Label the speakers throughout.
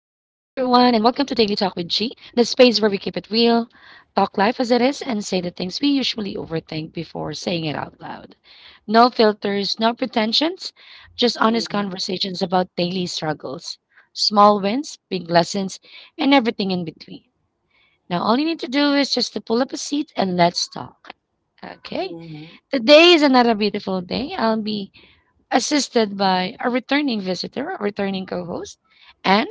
Speaker 1: and welcome to Daily Talk with G, the space where we keep it real, talk life as it is, and say the things we usually overthink before saying it out loud. No filters, no pretensions, just honest
Speaker 2: Mhm,
Speaker 1: conversations about daily struggles, small wins, big lessons, and everything in between. Now, all you need to do is just to pull up a seat and let's talk. Okay,
Speaker 2: mhm.
Speaker 1: today is another beautiful day. I'll be assisted by a returning visitor, a returning co host, Anne.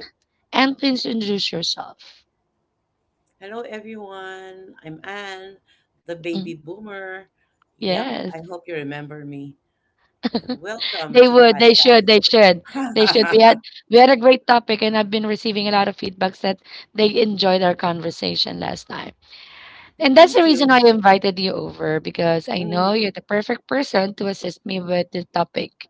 Speaker 1: And please introduce yourself.
Speaker 2: Hello, everyone. I'm Anne, the baby
Speaker 1: Mm.
Speaker 2: boomer. Yep,
Speaker 1: Yes.
Speaker 2: I hope you remember me. Yeah, welcome
Speaker 1: They
Speaker 2: to the
Speaker 1: would, they
Speaker 2: podcast.
Speaker 1: should, they should. They should. We had we had a great topic, and I've been receiving a lot of feedbacks that they enjoyed our conversation last time. And that's
Speaker 2: Thank
Speaker 1: the reason
Speaker 2: you.
Speaker 1: why I invited you over, because I know
Speaker 2: Mhm,
Speaker 1: you're the perfect person to assist me with the topic.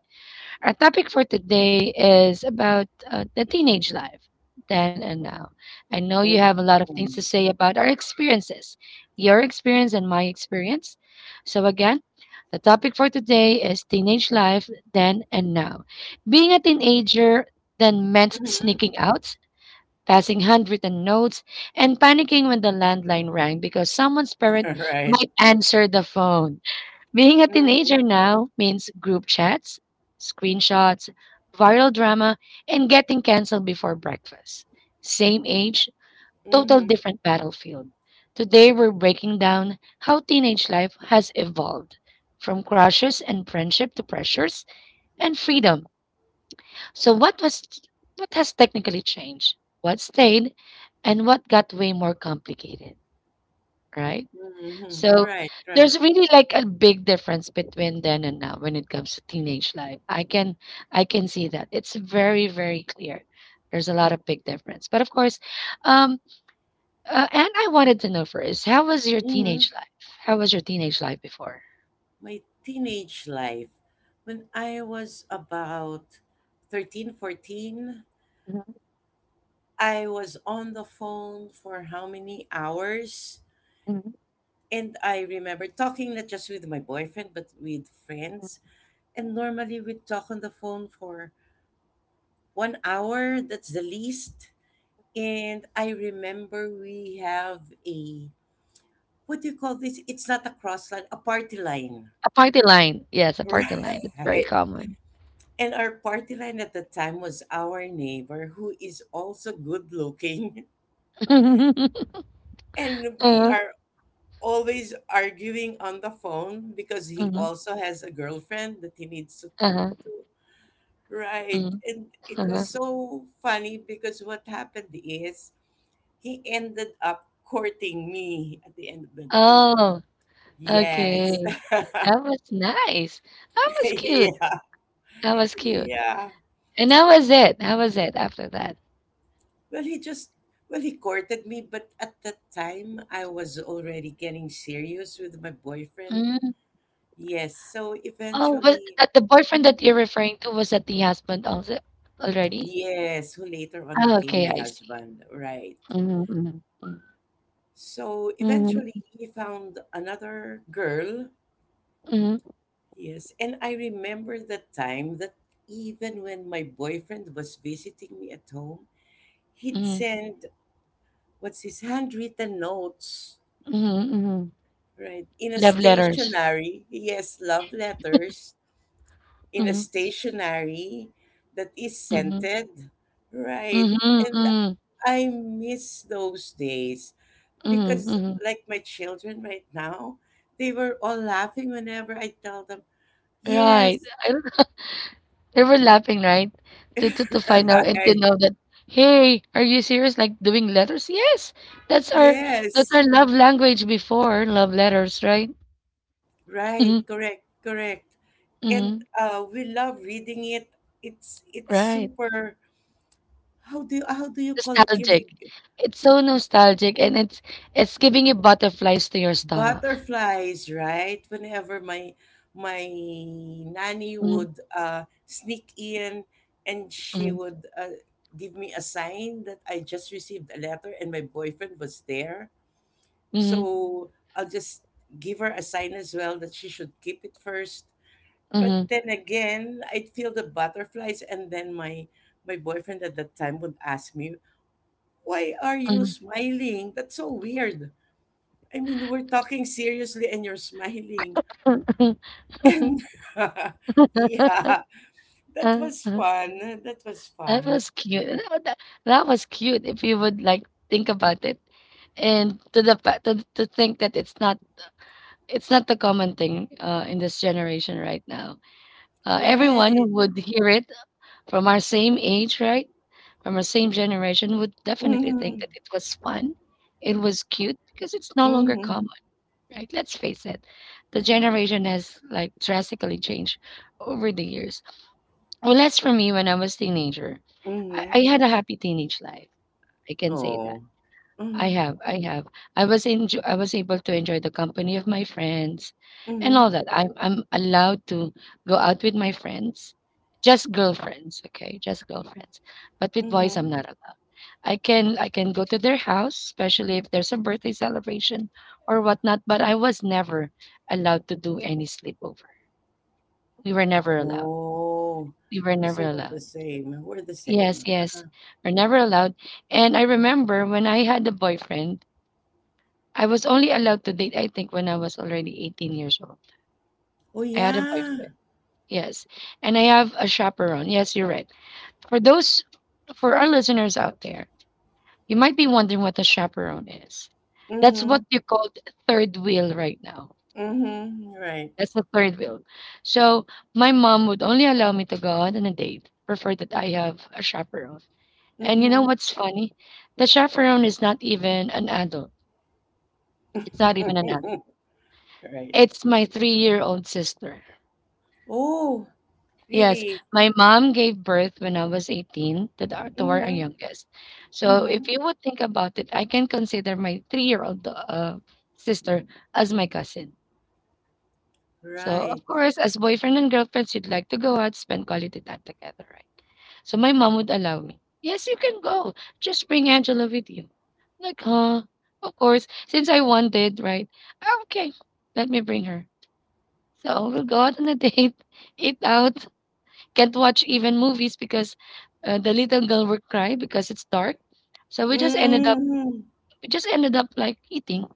Speaker 1: Our topic for today is about the teenage life, then and now. I know you have a lot of things to
Speaker 2: mhm,
Speaker 1: say about our experiences, your experience and my experience. So, again, the topic for today is teenage life, then and now. Being a teenager then meant
Speaker 2: mhm.
Speaker 1: sneaking out, passing handwritten notes, and panicking when the landline rang because someone's parent
Speaker 2: Right.
Speaker 1: might answer the phone. Being a
Speaker 2: Mhm,
Speaker 1: teenager now means group chats, screenshots, viral drama, and getting canceled before breakfast. Same age, total
Speaker 2: mhm,
Speaker 1: different battlefield. Today, we're breaking down how teenage life has evolved from crushes and friendship to pressures and freedom. So, what has technically changed? What stayed, and what got way more complicated, right?
Speaker 2: mhm.
Speaker 1: So
Speaker 2: Right, right.
Speaker 1: there's really like a big difference between then and now when it comes to teenage life. I can see that. It's very very clear. There's a lot of big difference. But of course, um and I wanted to know first, how was your
Speaker 2: Mhm.
Speaker 1: teenage life? How was your teenage life before?
Speaker 2: My teenage life. When I was about 13, 14,
Speaker 1: Mhm,
Speaker 2: I was on the phone for how many hours?
Speaker 1: mhm.
Speaker 2: And I remember talking not just with my boyfriend, but with friends. And normally we'd talk on the phone for 1 hour, that's the least. And I remember we have a, what do you call this? It's not a cross line, a party line.
Speaker 1: A party line. Yes, a party line. It's very
Speaker 2: Right.
Speaker 1: common.
Speaker 2: And our party line at the time was our neighbor, who is also good looking. And we
Speaker 1: uh
Speaker 2: are always arguing on the phone because he
Speaker 1: uh
Speaker 2: also has a girlfriend that he needs to talk
Speaker 1: uh
Speaker 2: to. Right.
Speaker 1: uh
Speaker 2: And it was so funny because what happened is he ended up courting me at the end of the day.
Speaker 1: Oh,
Speaker 2: Yes.
Speaker 1: okay. That was nice. That was cute.
Speaker 2: Yeah.
Speaker 1: That was cute.
Speaker 2: Yeah.
Speaker 1: And how was it? How was it after that?
Speaker 2: Well, he just, well, he courted me, but at that time I was already getting serious with my boyfriend.
Speaker 1: Mm.
Speaker 2: Yes. So
Speaker 1: Oh, but
Speaker 2: eventually,
Speaker 1: that the boyfriend
Speaker 2: mhm.
Speaker 1: that you're referring to, was that the husband also already?
Speaker 2: Yes, who later on
Speaker 1: Oh,
Speaker 2: became
Speaker 1: okay,
Speaker 2: my
Speaker 1: I see.
Speaker 2: husband. Right.
Speaker 1: Mm-hmm,
Speaker 2: So eventually
Speaker 1: mm-hmm,
Speaker 2: he found another girl.
Speaker 1: mm-hmm,
Speaker 2: Yes, and I remember the time that even when my boyfriend was visiting me at home, he'd
Speaker 1: mm-hmm,
Speaker 2: send what's his handwritten notes,
Speaker 1: mm-hmm.
Speaker 2: right? In a
Speaker 1: Love letters.
Speaker 2: stationery, yes, love letters in a
Speaker 1: Mm-hmm,
Speaker 2: stationery that is
Speaker 1: mm-hmm,
Speaker 2: scented, right? And
Speaker 1: mm-hmm,
Speaker 2: I miss those days
Speaker 1: mm-hmm,
Speaker 2: because,
Speaker 1: mm-hmm.
Speaker 2: like my children right now, they were all laughing whenever I tell them,
Speaker 1: Right.
Speaker 2: yes,
Speaker 1: I don't, they were laughing, right? To find out and to
Speaker 2: right,
Speaker 1: know that, hey, are you serious? Like doing letters? Yes, that's our that's our
Speaker 2: yes.
Speaker 1: love language before, love letters, right?
Speaker 2: Right,
Speaker 1: Mm-hmm,
Speaker 2: correct, correct.
Speaker 1: mm-hmm.
Speaker 2: And we love reading it. It's
Speaker 1: Right.
Speaker 2: super. How do you call
Speaker 1: Nostalgic.
Speaker 2: killing
Speaker 1: It's so nostalgic, and it's giving you butterflies to your stomach.
Speaker 2: butterflies? Right. Whenever my my nanny
Speaker 1: Mhm,
Speaker 2: would sneak in, and she
Speaker 1: mhm,
Speaker 2: would give me a sign that I just received a letter, and my boyfriend was there.
Speaker 1: mhm,
Speaker 2: So I'll just give her a sign as well that she should keep it first. But then again, I'd feel the butterflies, and then my boyfriend at that time would ask me, "Why are you
Speaker 1: mhm,
Speaker 2: smiling? That's so weird. I mean, we're talking seriously, and you're smiling."
Speaker 1: mhm.
Speaker 2: And yeah, that
Speaker 1: Uh,
Speaker 2: was
Speaker 1: uh,
Speaker 2: fun. That was
Speaker 1: That
Speaker 2: fun.
Speaker 1: was cute. That was cute if you would like think about it. And to to think that it's not the common thing in this generation right now. Everyone who
Speaker 2: Right.
Speaker 1: would hear it from our same age, right? From the same generation would definitely
Speaker 2: Mm-hmm.
Speaker 1: think that it was fun. It was cute because it's no longer
Speaker 2: Mm-hmm.
Speaker 1: common, right? Let's face it. The generation has like drastically changed over the years. Well, as for me, when I was teenager, I,
Speaker 2: Mm-hmm.
Speaker 1: I had a happy teenage life. I can say that.
Speaker 2: Oh.
Speaker 1: I
Speaker 2: Mm-hmm.
Speaker 1: have, I have. I was able to enjoy the company of my friends and all
Speaker 2: Mm-hmm.
Speaker 1: that. I'm allowed to go out with my friends, just girlfriends, okay? Just girlfriends. But with boys, I'm
Speaker 2: Mm-hmm.
Speaker 1: not allowed. I can go to their house, especially if there's a birthday celebration or whatnot, but I was never allowed to do any sleepover. We were never allowed.
Speaker 2: Oh.
Speaker 1: We were never
Speaker 2: So we're the
Speaker 1: allowed.
Speaker 2: same. We're the
Speaker 1: Yes,
Speaker 2: same.
Speaker 1: yes.
Speaker 2: Uh-huh.
Speaker 1: We're never allowed. And I remember when I had a boyfriend, I was only allowed to date, I think, when I was already 18 years old.
Speaker 2: Oh
Speaker 1: I had a boyfriend.
Speaker 2: yeah.
Speaker 1: Yes. And I have a chaperone. Yes, you're right. For those, for our listeners out there, you might be wondering what a chaperone is. That's
Speaker 2: Mm-hmm.
Speaker 1: what you call third wheel right now.
Speaker 2: Mm-hmm. Right.
Speaker 1: That's the third wheel. So my mom would only allow me to go out on a date, prefer that I have a chaperone. And you know
Speaker 2: Mm-hmm.
Speaker 1: what's funny? The chaperone is not even an adult. It's not even an adult.
Speaker 2: Right.
Speaker 1: It's my 3-year old sister.
Speaker 2: Oh,
Speaker 1: Yes,
Speaker 2: really?
Speaker 1: my mom gave birth when I was 18 to, the, to our
Speaker 2: Mm-hmm.
Speaker 1: youngest. So if
Speaker 2: Mm-hmm.
Speaker 1: you would think about it, I can consider my three-year-old sister as my cousin. So
Speaker 2: Right.
Speaker 1: of course, as boyfriend and girlfriends, you'd like to go out, spend quality time together, right? So my mom would allow me. Yes, you can go. Just bring Angela with you. Like, huh? Of course, since I wanted, right? "Ah, okay, let me bring her. So we'll go out on a date, eat out, can't watch even movies because the little girl would cry because it's dark. So
Speaker 2: Mm-hmm.
Speaker 1: we just ended up like eating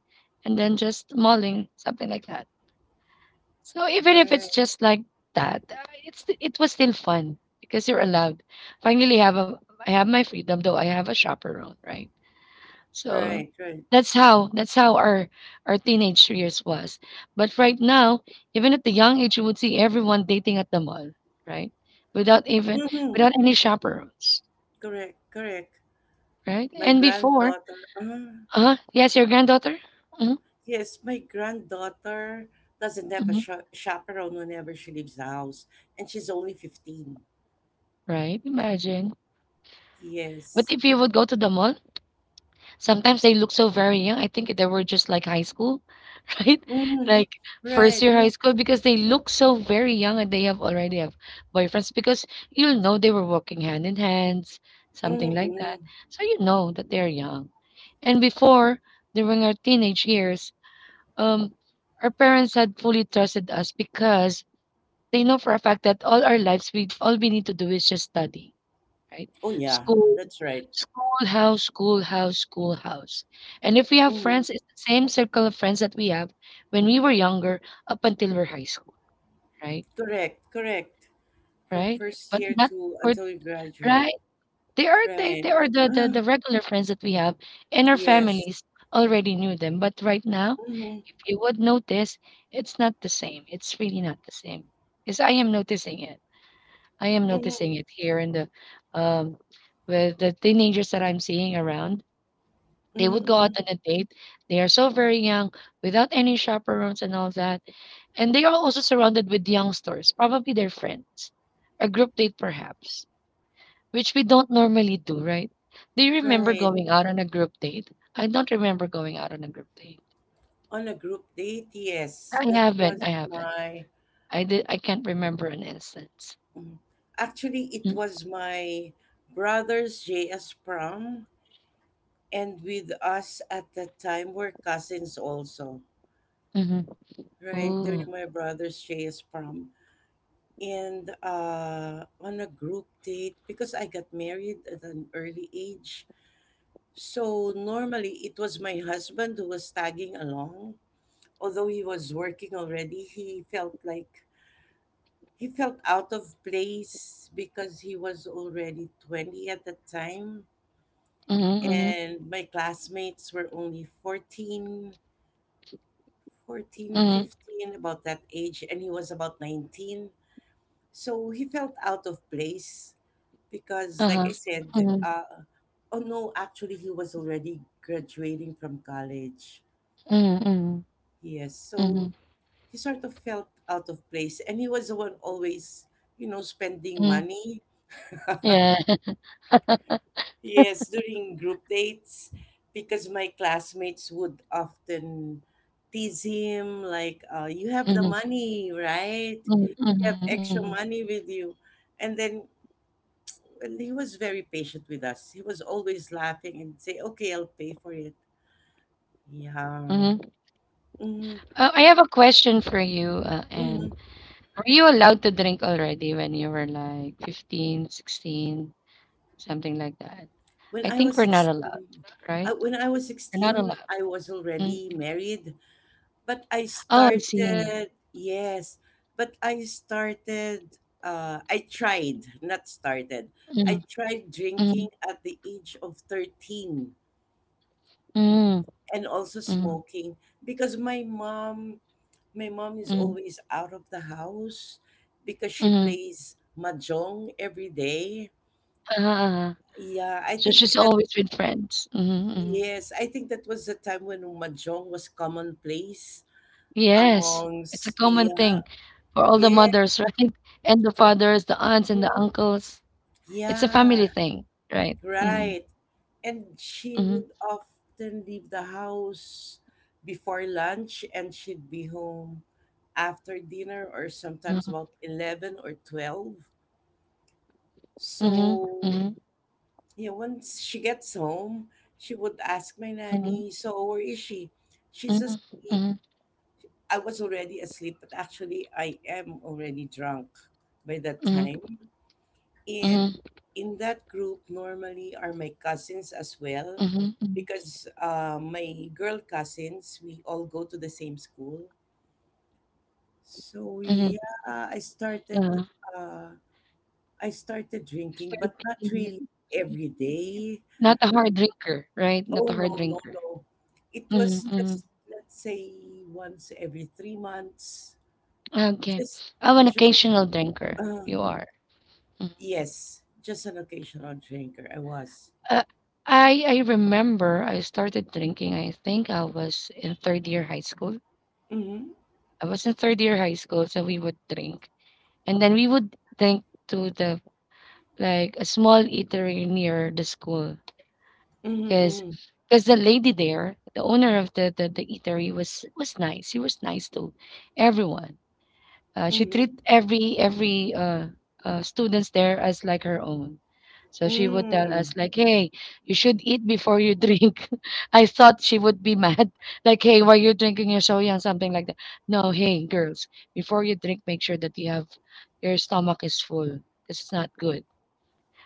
Speaker 1: and then just mulling something like that. So even if it's
Speaker 2: Right.
Speaker 1: just like that, it's it was still fun because you're allowed. Finally, have a I have my freedom though I have a chaperone, right? So
Speaker 2: Right. Right.
Speaker 1: that's how our teenage years was. But right now, even at the young age, you would see everyone dating at the mall, right? Without even
Speaker 2: Mm-hmm.
Speaker 1: without any chaperones,
Speaker 2: Correct. Correct.
Speaker 1: right?
Speaker 2: My
Speaker 1: And before,
Speaker 2: granddaughter.
Speaker 1: yes, your granddaughter, hmm
Speaker 2: Yes, my granddaughter doesn't have a
Speaker 1: hmm
Speaker 2: chaperone whenever she leaves the house, and she's only 15.
Speaker 1: right? Imagine. But
Speaker 2: Yes.
Speaker 1: if you would go to the mall, sometimes they look so very young. I think they were just like high school. Right?
Speaker 2: Mm-hmm.
Speaker 1: Like first
Speaker 2: Right.
Speaker 1: year high school, because they look so very young, and they have already have boyfriends because you'll know they were walking hand in hands, something
Speaker 2: Mm-hmm.
Speaker 1: like
Speaker 2: Mm-hmm.
Speaker 1: that. So you know that they're young. And before, during our teenage years, um, our parents had fully trusted us because they know for a fact that all our lives we need to do is just study, right?
Speaker 2: Oh, yeah.
Speaker 1: School,
Speaker 2: That's right.
Speaker 1: schoolhouse, schoolhouse, schoolhouse. And if we have
Speaker 2: Mm-hmm.
Speaker 1: friends, it's the same circle of friends that we have when we were younger up until we're high school, right?
Speaker 2: Correct. Correct. From
Speaker 1: Right?
Speaker 2: first
Speaker 1: But
Speaker 2: year
Speaker 1: not
Speaker 2: to
Speaker 1: for
Speaker 2: until we graduate.
Speaker 1: right. They are
Speaker 2: Right.
Speaker 1: they are
Speaker 2: Mm,
Speaker 1: the regular friends that we have, and our
Speaker 2: yes.
Speaker 1: families already knew them. But right now,
Speaker 2: Hmm,
Speaker 1: if you would notice, it's not the same. It's really not the same. Because I am noticing it. I am noticing
Speaker 2: hmm,
Speaker 1: it here in the um with the teenagers that I'm seeing around. They would go out
Speaker 2: hmm.
Speaker 1: on a date. They are so very young, without any chaperones and all that. And they are also surrounded with youngsters, probably their friends, a group date perhaps, which we don't normally do, right? Do you remember
Speaker 2: Right.
Speaker 1: going out on a group date? I don't remember going out on a group date.
Speaker 2: On a group date, yes.
Speaker 1: I
Speaker 2: That
Speaker 1: haven't.
Speaker 2: was
Speaker 1: I haven't.
Speaker 2: my.
Speaker 1: I did. I can't remember an instance.
Speaker 2: Mm. Actually, it
Speaker 1: Mm,
Speaker 2: was my brother's JS prom, and with us at that time were cousins also.
Speaker 1: mm-hmm.
Speaker 2: Right during
Speaker 1: Ooh.
Speaker 2: my brother's JS prom, and on a group date because I got married at an early age. So normally it was my husband who was tagging along. Although he was working already, he felt like he felt out of place because he was already 20 at the time
Speaker 1: Mm-hmm.
Speaker 2: and my classmates were only 14, 14,
Speaker 1: Mm-hmm. Mm-hmm.
Speaker 2: 15, about that age and he was about 19. So he felt out of place because like
Speaker 1: Uh-huh.
Speaker 2: I said,
Speaker 1: Mm-hmm.
Speaker 2: oh no, actually he was already graduating from college.
Speaker 1: Mm-hmm.
Speaker 2: Yes,
Speaker 1: Mm-hmm.
Speaker 2: so he sort of felt out of place, and he was the one always, you know, spending money.
Speaker 1: Yeah.
Speaker 2: Yes, during group dates, because my classmates would often tease him, like, "You have the
Speaker 1: Mm-hmm.
Speaker 2: money, right?
Speaker 1: Mm-hmm.
Speaker 2: You have
Speaker 1: Mm-hmm.
Speaker 2: extra money with you," and then well, he was very patient with us. He was always laughing and say, "Okay, I'll pay for it." Yeah.
Speaker 1: Mm-hmm, mm-hmm.
Speaker 2: Mm-hmm.
Speaker 1: I have a question for you,
Speaker 2: Mm-hmm.
Speaker 1: Anne. Were you allowed to drink already when you were like 15, 16, something like that?
Speaker 2: When
Speaker 1: I
Speaker 2: I
Speaker 1: think
Speaker 2: was
Speaker 1: we're not allowed,
Speaker 2: 16,
Speaker 1: right?
Speaker 2: when I was
Speaker 1: We're not
Speaker 2: 16,
Speaker 1: allowed.
Speaker 2: I was
Speaker 1: Mm.
Speaker 2: already married, but I
Speaker 1: Oh, I see.
Speaker 2: started, yes, but I started, I tried, not started, I
Speaker 1: Mm,
Speaker 2: tried
Speaker 1: mm,
Speaker 2: drinking at the age of 13
Speaker 1: mm,
Speaker 2: and also
Speaker 1: mm,
Speaker 2: smoking because my mom is
Speaker 1: mm,
Speaker 2: always out of the house because she
Speaker 1: mm.
Speaker 2: plays mahjong every day.
Speaker 1: Ah,
Speaker 2: Yeah, I
Speaker 1: so
Speaker 2: think
Speaker 1: she's
Speaker 2: that.
Speaker 1: always with friends.
Speaker 2: Yes, I think that was the time when mahjong was commonplace
Speaker 1: Yes, it's a
Speaker 2: amongst
Speaker 1: common
Speaker 2: yeah,
Speaker 1: thing for all the
Speaker 2: yeah,
Speaker 1: mothers, right? And the
Speaker 2: for,
Speaker 1: fathers, the aunts, and the
Speaker 2: mm,
Speaker 1: uncles. It's a
Speaker 2: yeah,
Speaker 1: family thing, right? Mm-hmm.
Speaker 2: right. And she
Speaker 1: Mm-hmm.
Speaker 2: would often leave the house before lunch and she'd be home after dinner or
Speaker 1: Mm-hmm.
Speaker 2: sometimes about 11 or 12.
Speaker 1: Mm-hmm, mm-hmm.
Speaker 2: So, yeah, once she gets home, she would ask my
Speaker 1: Mhm,
Speaker 2: nanny, so where is she? She's
Speaker 1: mhm,
Speaker 2: asleep.
Speaker 1: mhm,
Speaker 2: I was already asleep, but actually, I am already drunk by that
Speaker 1: mhm,
Speaker 2: time.
Speaker 1: mhm,
Speaker 2: And in that group, normally are my cousins as well,
Speaker 1: mhm, mhm,
Speaker 2: because my girl cousins, we all go to the same school. So
Speaker 1: mhm,
Speaker 2: yeah, I started.
Speaker 1: yeah,
Speaker 2: Uh, I started
Speaker 1: it's
Speaker 2: drinking,
Speaker 1: very
Speaker 2: but not
Speaker 1: clean.
Speaker 2: really
Speaker 1: Mhm.
Speaker 2: every day.
Speaker 1: Not a hard drinker, right? Not
Speaker 2: Oh
Speaker 1: a hard
Speaker 2: no, no,
Speaker 1: drinker.
Speaker 2: no! It
Speaker 1: Mhm,
Speaker 2: was
Speaker 1: mhm.
Speaker 2: just let's say once every 3 months.
Speaker 1: Okay.
Speaker 2: Just,
Speaker 1: I'm an
Speaker 2: just.
Speaker 1: occasional drinker.
Speaker 2: Uh,
Speaker 1: You are. Mhm.
Speaker 2: Yes, just an occasional drinker. I was.
Speaker 1: Uh, I remember I started drinking. I think I was in third year high school.
Speaker 2: Mm-hmm.
Speaker 1: I was in third year high school, so we would drink, and then we would drink to the like a small eatery near the school. because
Speaker 2: Mm-hmm.
Speaker 1: because the lady there, the owner of the eatery was nice. She was nice to everyone. She
Speaker 2: Mm-hmm.
Speaker 1: treat every students there as like her own. So she would tell us
Speaker 2: Mm.
Speaker 1: like, "Hey, you should eat before you drink." I thought she would be mad, like, "Hey, why you are drinking? You're so young," something like that. No, hey girls, before you drink, make sure that your stomach is full because it's not good,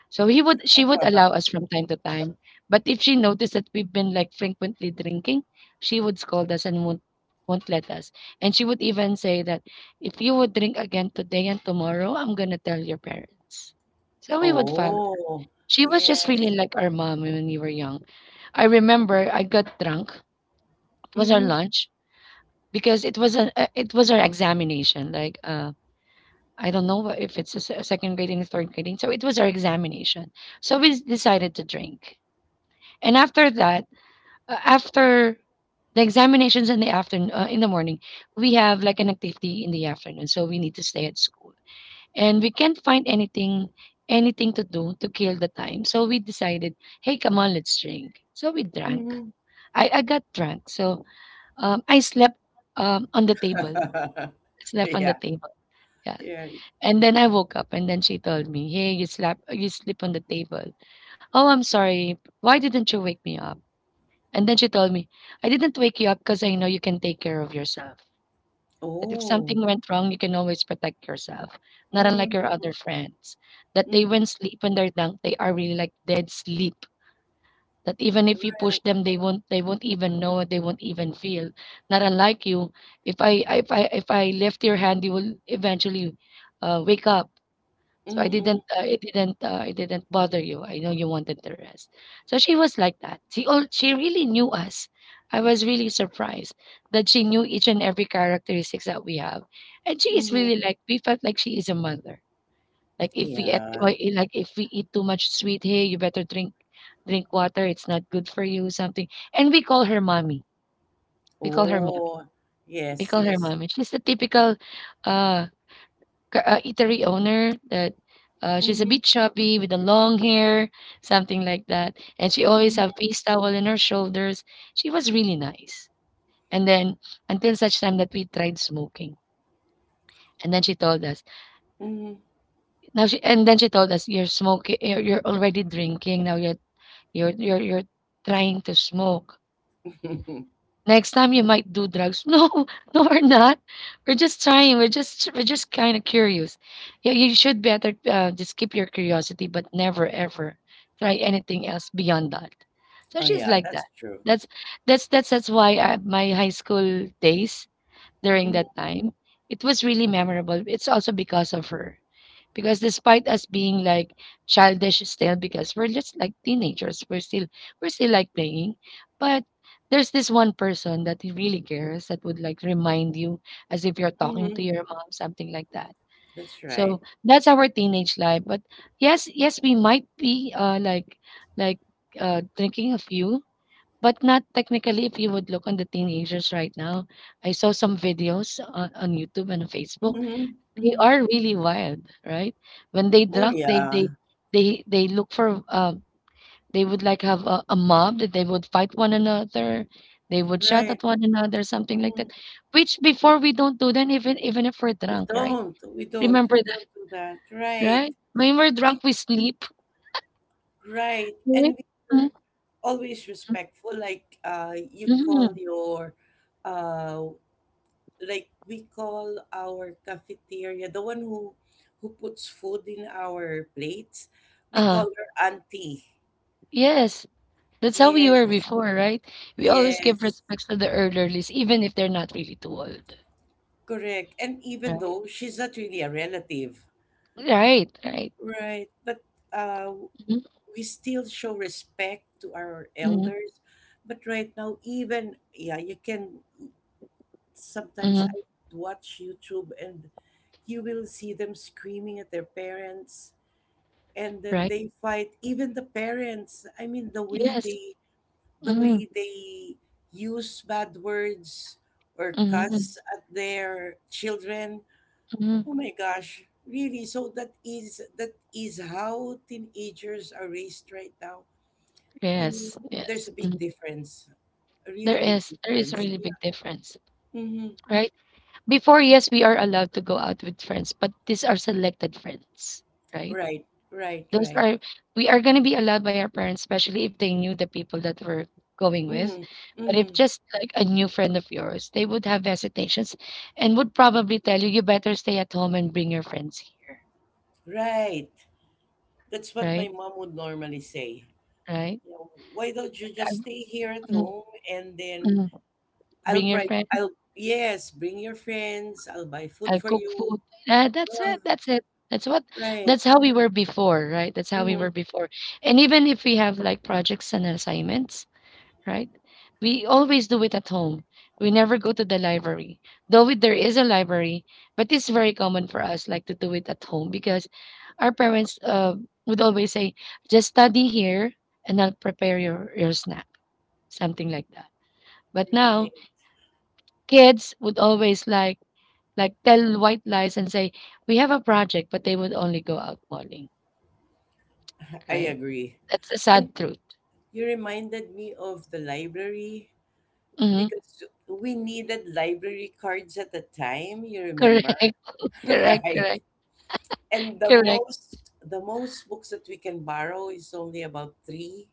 Speaker 1: so he would she would allow us from time to time. But if she noticed that we've been like frequently drinking, she would scold us and won't let us. And she would even say that if you would drink again today and tomorrow, I'm gonna tell your parents. So we would follow.
Speaker 2: Oh,
Speaker 1: She was just really
Speaker 2: yes.
Speaker 1: like our mom when we were young. I remember I got drunk. It was our
Speaker 2: Mm-hmm.
Speaker 1: lunch because it was it was our examination. Like I don't know if it's second grading, third grading. So it was our examination. So we decided to drink. And after that, after the examinations in the afternoon, in the morning, we have like an activity in the afternoon, so we need to stay at school, and we can't find anything, anything to do to kill the time. So we decided, hey, come on, let's drink. So we drank.
Speaker 2: Mm-hmm.
Speaker 1: I got drunk, so I slept on the table. Slept on the
Speaker 2: Yeah.
Speaker 1: table. Yeah.
Speaker 2: Yeah.
Speaker 1: And then I woke up, and then she told me, "Hey, you slept. You sleep on the table. Oh, I'm sorry. Why didn't you wake me up?" And then she told me, "I didn't wake you up because I know you can take care of yourself, that if
Speaker 2: Oh.
Speaker 1: something went wrong, you can always protect yourself, not unlike
Speaker 2: Mm,
Speaker 1: your other friends, that they
Speaker 2: mm,
Speaker 1: when sleep when they're drunk, they are really like dead sleep, that even if you push
Speaker 2: right.
Speaker 1: them, they won't even know, they won't even feel, not unlike you. If I lift your hand, you will eventually, wake up. So
Speaker 2: Mm,
Speaker 1: I
Speaker 2: mm,
Speaker 1: didn't, it didn't, it didn't bother you. I know you wanted the rest. So she was like that. She really knew us. I was really surprised that she knew each and every characteristics that we have, and she is
Speaker 2: mm.
Speaker 1: really like we felt like she is a mother. Like if we eat,
Speaker 2: Yeah.
Speaker 1: why- eh, like if we eat too much sweet, hey, you better drink water. It's not good for you. Something, and we call her mommy. We call her mommy.
Speaker 2: Oh.
Speaker 1: We
Speaker 2: Yes.
Speaker 1: call her
Speaker 2: Yes.
Speaker 1: mommy. She's the typical, uh, eatery owner that she's a
Speaker 2: Mm-hmm.
Speaker 1: bit chubby with the long hair, something like that. And she always
Speaker 2: Mm-hmm.
Speaker 1: have face towel in her shoulders. She was really nice. And then until such time that we tried smoking. And then she told us. Now she and then she told us, "You're smoking, you're already drinking. Now you're trying to smoke.
Speaker 2: Mm-hmm.
Speaker 1: Next time you might do drugs." No, no, we're not. We're just trying. We're just kind of curious. Yeah, you should better just keep your curiosity, but never ever try anything else beyond that. So
Speaker 2: Oh
Speaker 1: she's
Speaker 2: yeah,
Speaker 1: like
Speaker 2: that's
Speaker 1: that.
Speaker 2: true.
Speaker 1: That's that's why my high school days during that time, it was really memorable. It's also because of her, because despite us being like childish still, because we're just like teenagers, we're still like playing, but there's this one person that he really cares, that would like remind you as if you're talking to
Speaker 2: Mm-hmm.
Speaker 1: your mom, something like that.
Speaker 2: That's right.
Speaker 1: So that's our teenage life. But yes, we might be like like drinking a few, but not technically. If you would look on the teenagers right now, I saw some videos on YouTube and on Facebook,
Speaker 2: Mm-hmm.
Speaker 1: they
Speaker 2: Mm-hmm.
Speaker 1: are really wild, right? When they
Speaker 2: Oh
Speaker 1: drunk, they they
Speaker 2: yeah.
Speaker 1: they they look for they would like have a mob that they would fight one another. They would shout
Speaker 2: Right.
Speaker 1: at one another, something like that.
Speaker 2: Mhm.
Speaker 1: Which before we don't do that, even even if we're
Speaker 2: We
Speaker 1: drunk, right?
Speaker 2: don't. We don't.
Speaker 1: Remember
Speaker 2: We
Speaker 1: that,
Speaker 2: don't do that. Right.
Speaker 1: right? When we're
Speaker 2: We,
Speaker 1: drunk, we sleep,
Speaker 2: right.
Speaker 1: right?
Speaker 2: And we're always respectful. Like you
Speaker 1: Mm-hmm.
Speaker 2: call your, uh, like we call our cafeteria the one who puts food in our plates. We call
Speaker 1: Uh,
Speaker 2: her auntie.
Speaker 1: yes, that's how we were
Speaker 2: Yes.
Speaker 1: before, right? We always give
Speaker 2: Yes.
Speaker 1: respects to the elderlies, even if they're not really too old,
Speaker 2: Correct. And even
Speaker 1: right?
Speaker 2: though she's not really a relative.
Speaker 1: Right, right.
Speaker 2: Right. But uh,
Speaker 1: Mm-hmm,
Speaker 2: we still show respect to our
Speaker 1: mm-hmm,
Speaker 2: elders, but right now even yeah you can sometimes
Speaker 1: mm-hmm,
Speaker 2: I watch YouTube and you will see them screaming at their parents and then
Speaker 1: right.
Speaker 2: they fight even the parents, I mean
Speaker 1: Yes.
Speaker 2: the
Speaker 1: Mhm,
Speaker 2: way they use bad words or
Speaker 1: mhm,
Speaker 2: cuss at their children.
Speaker 1: mhm.
Speaker 2: Oh my gosh, really, so that is how teenagers are raised right now. I mean,
Speaker 1: Yes,
Speaker 2: there's
Speaker 1: yes.
Speaker 2: a big
Speaker 1: Mhm.
Speaker 2: difference, a really big
Speaker 1: There is a
Speaker 2: difference.
Speaker 1: really big difference,
Speaker 2: Yeah. Mm-hmm.
Speaker 1: right? Before, yes, we are allowed to go out with friends, but these are selected friends, right?
Speaker 2: Right, right,
Speaker 1: Those
Speaker 2: right.
Speaker 1: are we are going to be allowed by our parents, especially if they knew the people that we're going with.
Speaker 2: Mm-hmm.
Speaker 1: But if
Speaker 2: Mm-hmm.
Speaker 1: just like a new friend of yours, they would have hesitations and would probably tell you, you better stay at home and bring your friends here,
Speaker 2: Right. That's what my
Speaker 1: right?
Speaker 2: mom would normally say.
Speaker 1: Right?
Speaker 2: You know, why don't you just stay here at
Speaker 1: Mhm,
Speaker 2: home and then
Speaker 1: mhm.
Speaker 2: I'll
Speaker 1: Bring your
Speaker 2: buy,
Speaker 1: friends,
Speaker 2: I'll, yes, bring your friends, I'll buy food
Speaker 1: I
Speaker 2: for
Speaker 1: cook
Speaker 2: you.
Speaker 1: food. That's
Speaker 2: Ah,
Speaker 1: it. That's it. That's what
Speaker 2: right.
Speaker 1: that's how we were before, right? That's how we
Speaker 2: Mm-hmm.
Speaker 1: were before. And even if we have like projects and assignments, right? We always do it at home. We never go to the library. Though there is a library, but it's very common for us like to do it at home because our parents would always say, "Just study here, and I'll prepare your snack," something like that. But now
Speaker 2: Right.
Speaker 1: kids would always like tell white lies and say we have a project, but they would only go out morning,
Speaker 2: I
Speaker 1: right?
Speaker 2: agree.
Speaker 1: That's the sad
Speaker 2: And
Speaker 1: truth.
Speaker 2: you reminded me of the library
Speaker 1: Hmm.
Speaker 2: because we needed library cards at the time, you
Speaker 1: Correct,
Speaker 2: remember?
Speaker 1: correct,
Speaker 2: Right.
Speaker 1: correct,
Speaker 2: And
Speaker 1: correct.
Speaker 2: the most books that we can borrow is only about three.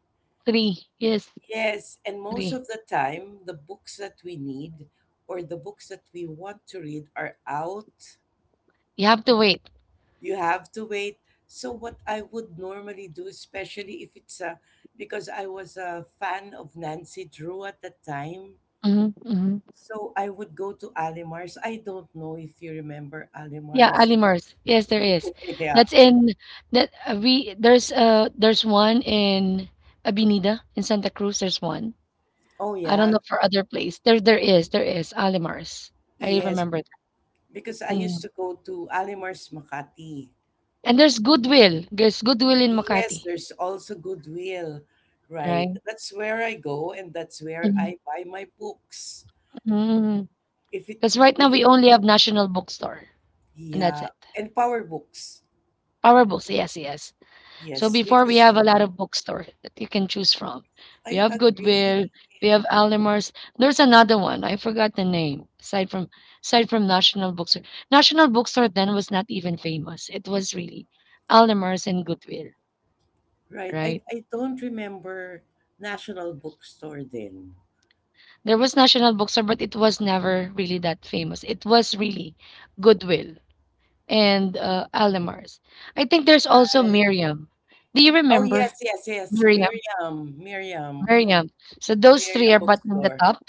Speaker 1: Three, yes,
Speaker 2: Yes, and most
Speaker 1: three.
Speaker 2: of the time the books that we need or the books that we want to read are out.
Speaker 1: You have to wait.
Speaker 2: You have to wait. So what I would normally do, especially if it's a because I was a fan of Nancy Drew at that time.
Speaker 1: Hmm. Hmm.
Speaker 2: So I would go to Alimar's. I don't know if you remember
Speaker 1: Yeah,
Speaker 2: Alimar's.
Speaker 1: Alimers. Yes, there is.
Speaker 2: Yeah.
Speaker 1: That's in that we there's one in Abinida in Santa Cruz. There's one.
Speaker 2: Oh
Speaker 1: I don't
Speaker 2: yeah.
Speaker 1: know for other place. There is Alimars. I
Speaker 2: Yes.
Speaker 1: remember that.
Speaker 2: Because I used
Speaker 1: Mm.
Speaker 2: to go to Alimar's Makati.
Speaker 1: And there's Goodwill. There's Goodwill in
Speaker 2: Yes,
Speaker 1: Makati,
Speaker 2: there's also Goodwill,
Speaker 1: right?
Speaker 2: right? That's where I go and that's where
Speaker 1: Mm-hmm.
Speaker 2: I buy my books.
Speaker 1: Because
Speaker 2: If it,
Speaker 1: right now
Speaker 2: if it,
Speaker 1: we only have National Bookstore, and that's
Speaker 2: yeah,
Speaker 1: it.
Speaker 2: and power books.
Speaker 1: Our books, yes, yes. So
Speaker 2: Yes, which
Speaker 1: before we
Speaker 2: is,
Speaker 1: have a lot of bookstore that you can choose from. We
Speaker 2: I
Speaker 1: have Goodwill,
Speaker 2: agree,
Speaker 1: we have Almar's. There's another one, I forgot the name, aside from National Bookstore. National Bookstore then was not even famous. It was really Almar's and Goodwill,
Speaker 2: right?
Speaker 1: right?
Speaker 2: I don't remember National Bookstore then.
Speaker 1: There was National Bookstore, but it was never really that famous. It was really Goodwill and Alamars. I think there's also
Speaker 2: Right.
Speaker 1: Miriam. Do you
Speaker 2: Oh,
Speaker 1: remember
Speaker 2: yes, yes, yes.
Speaker 1: Miriam? Miriam. So those three
Speaker 2: Miriam
Speaker 1: are but on the
Speaker 2: Bookstore.
Speaker 1: top,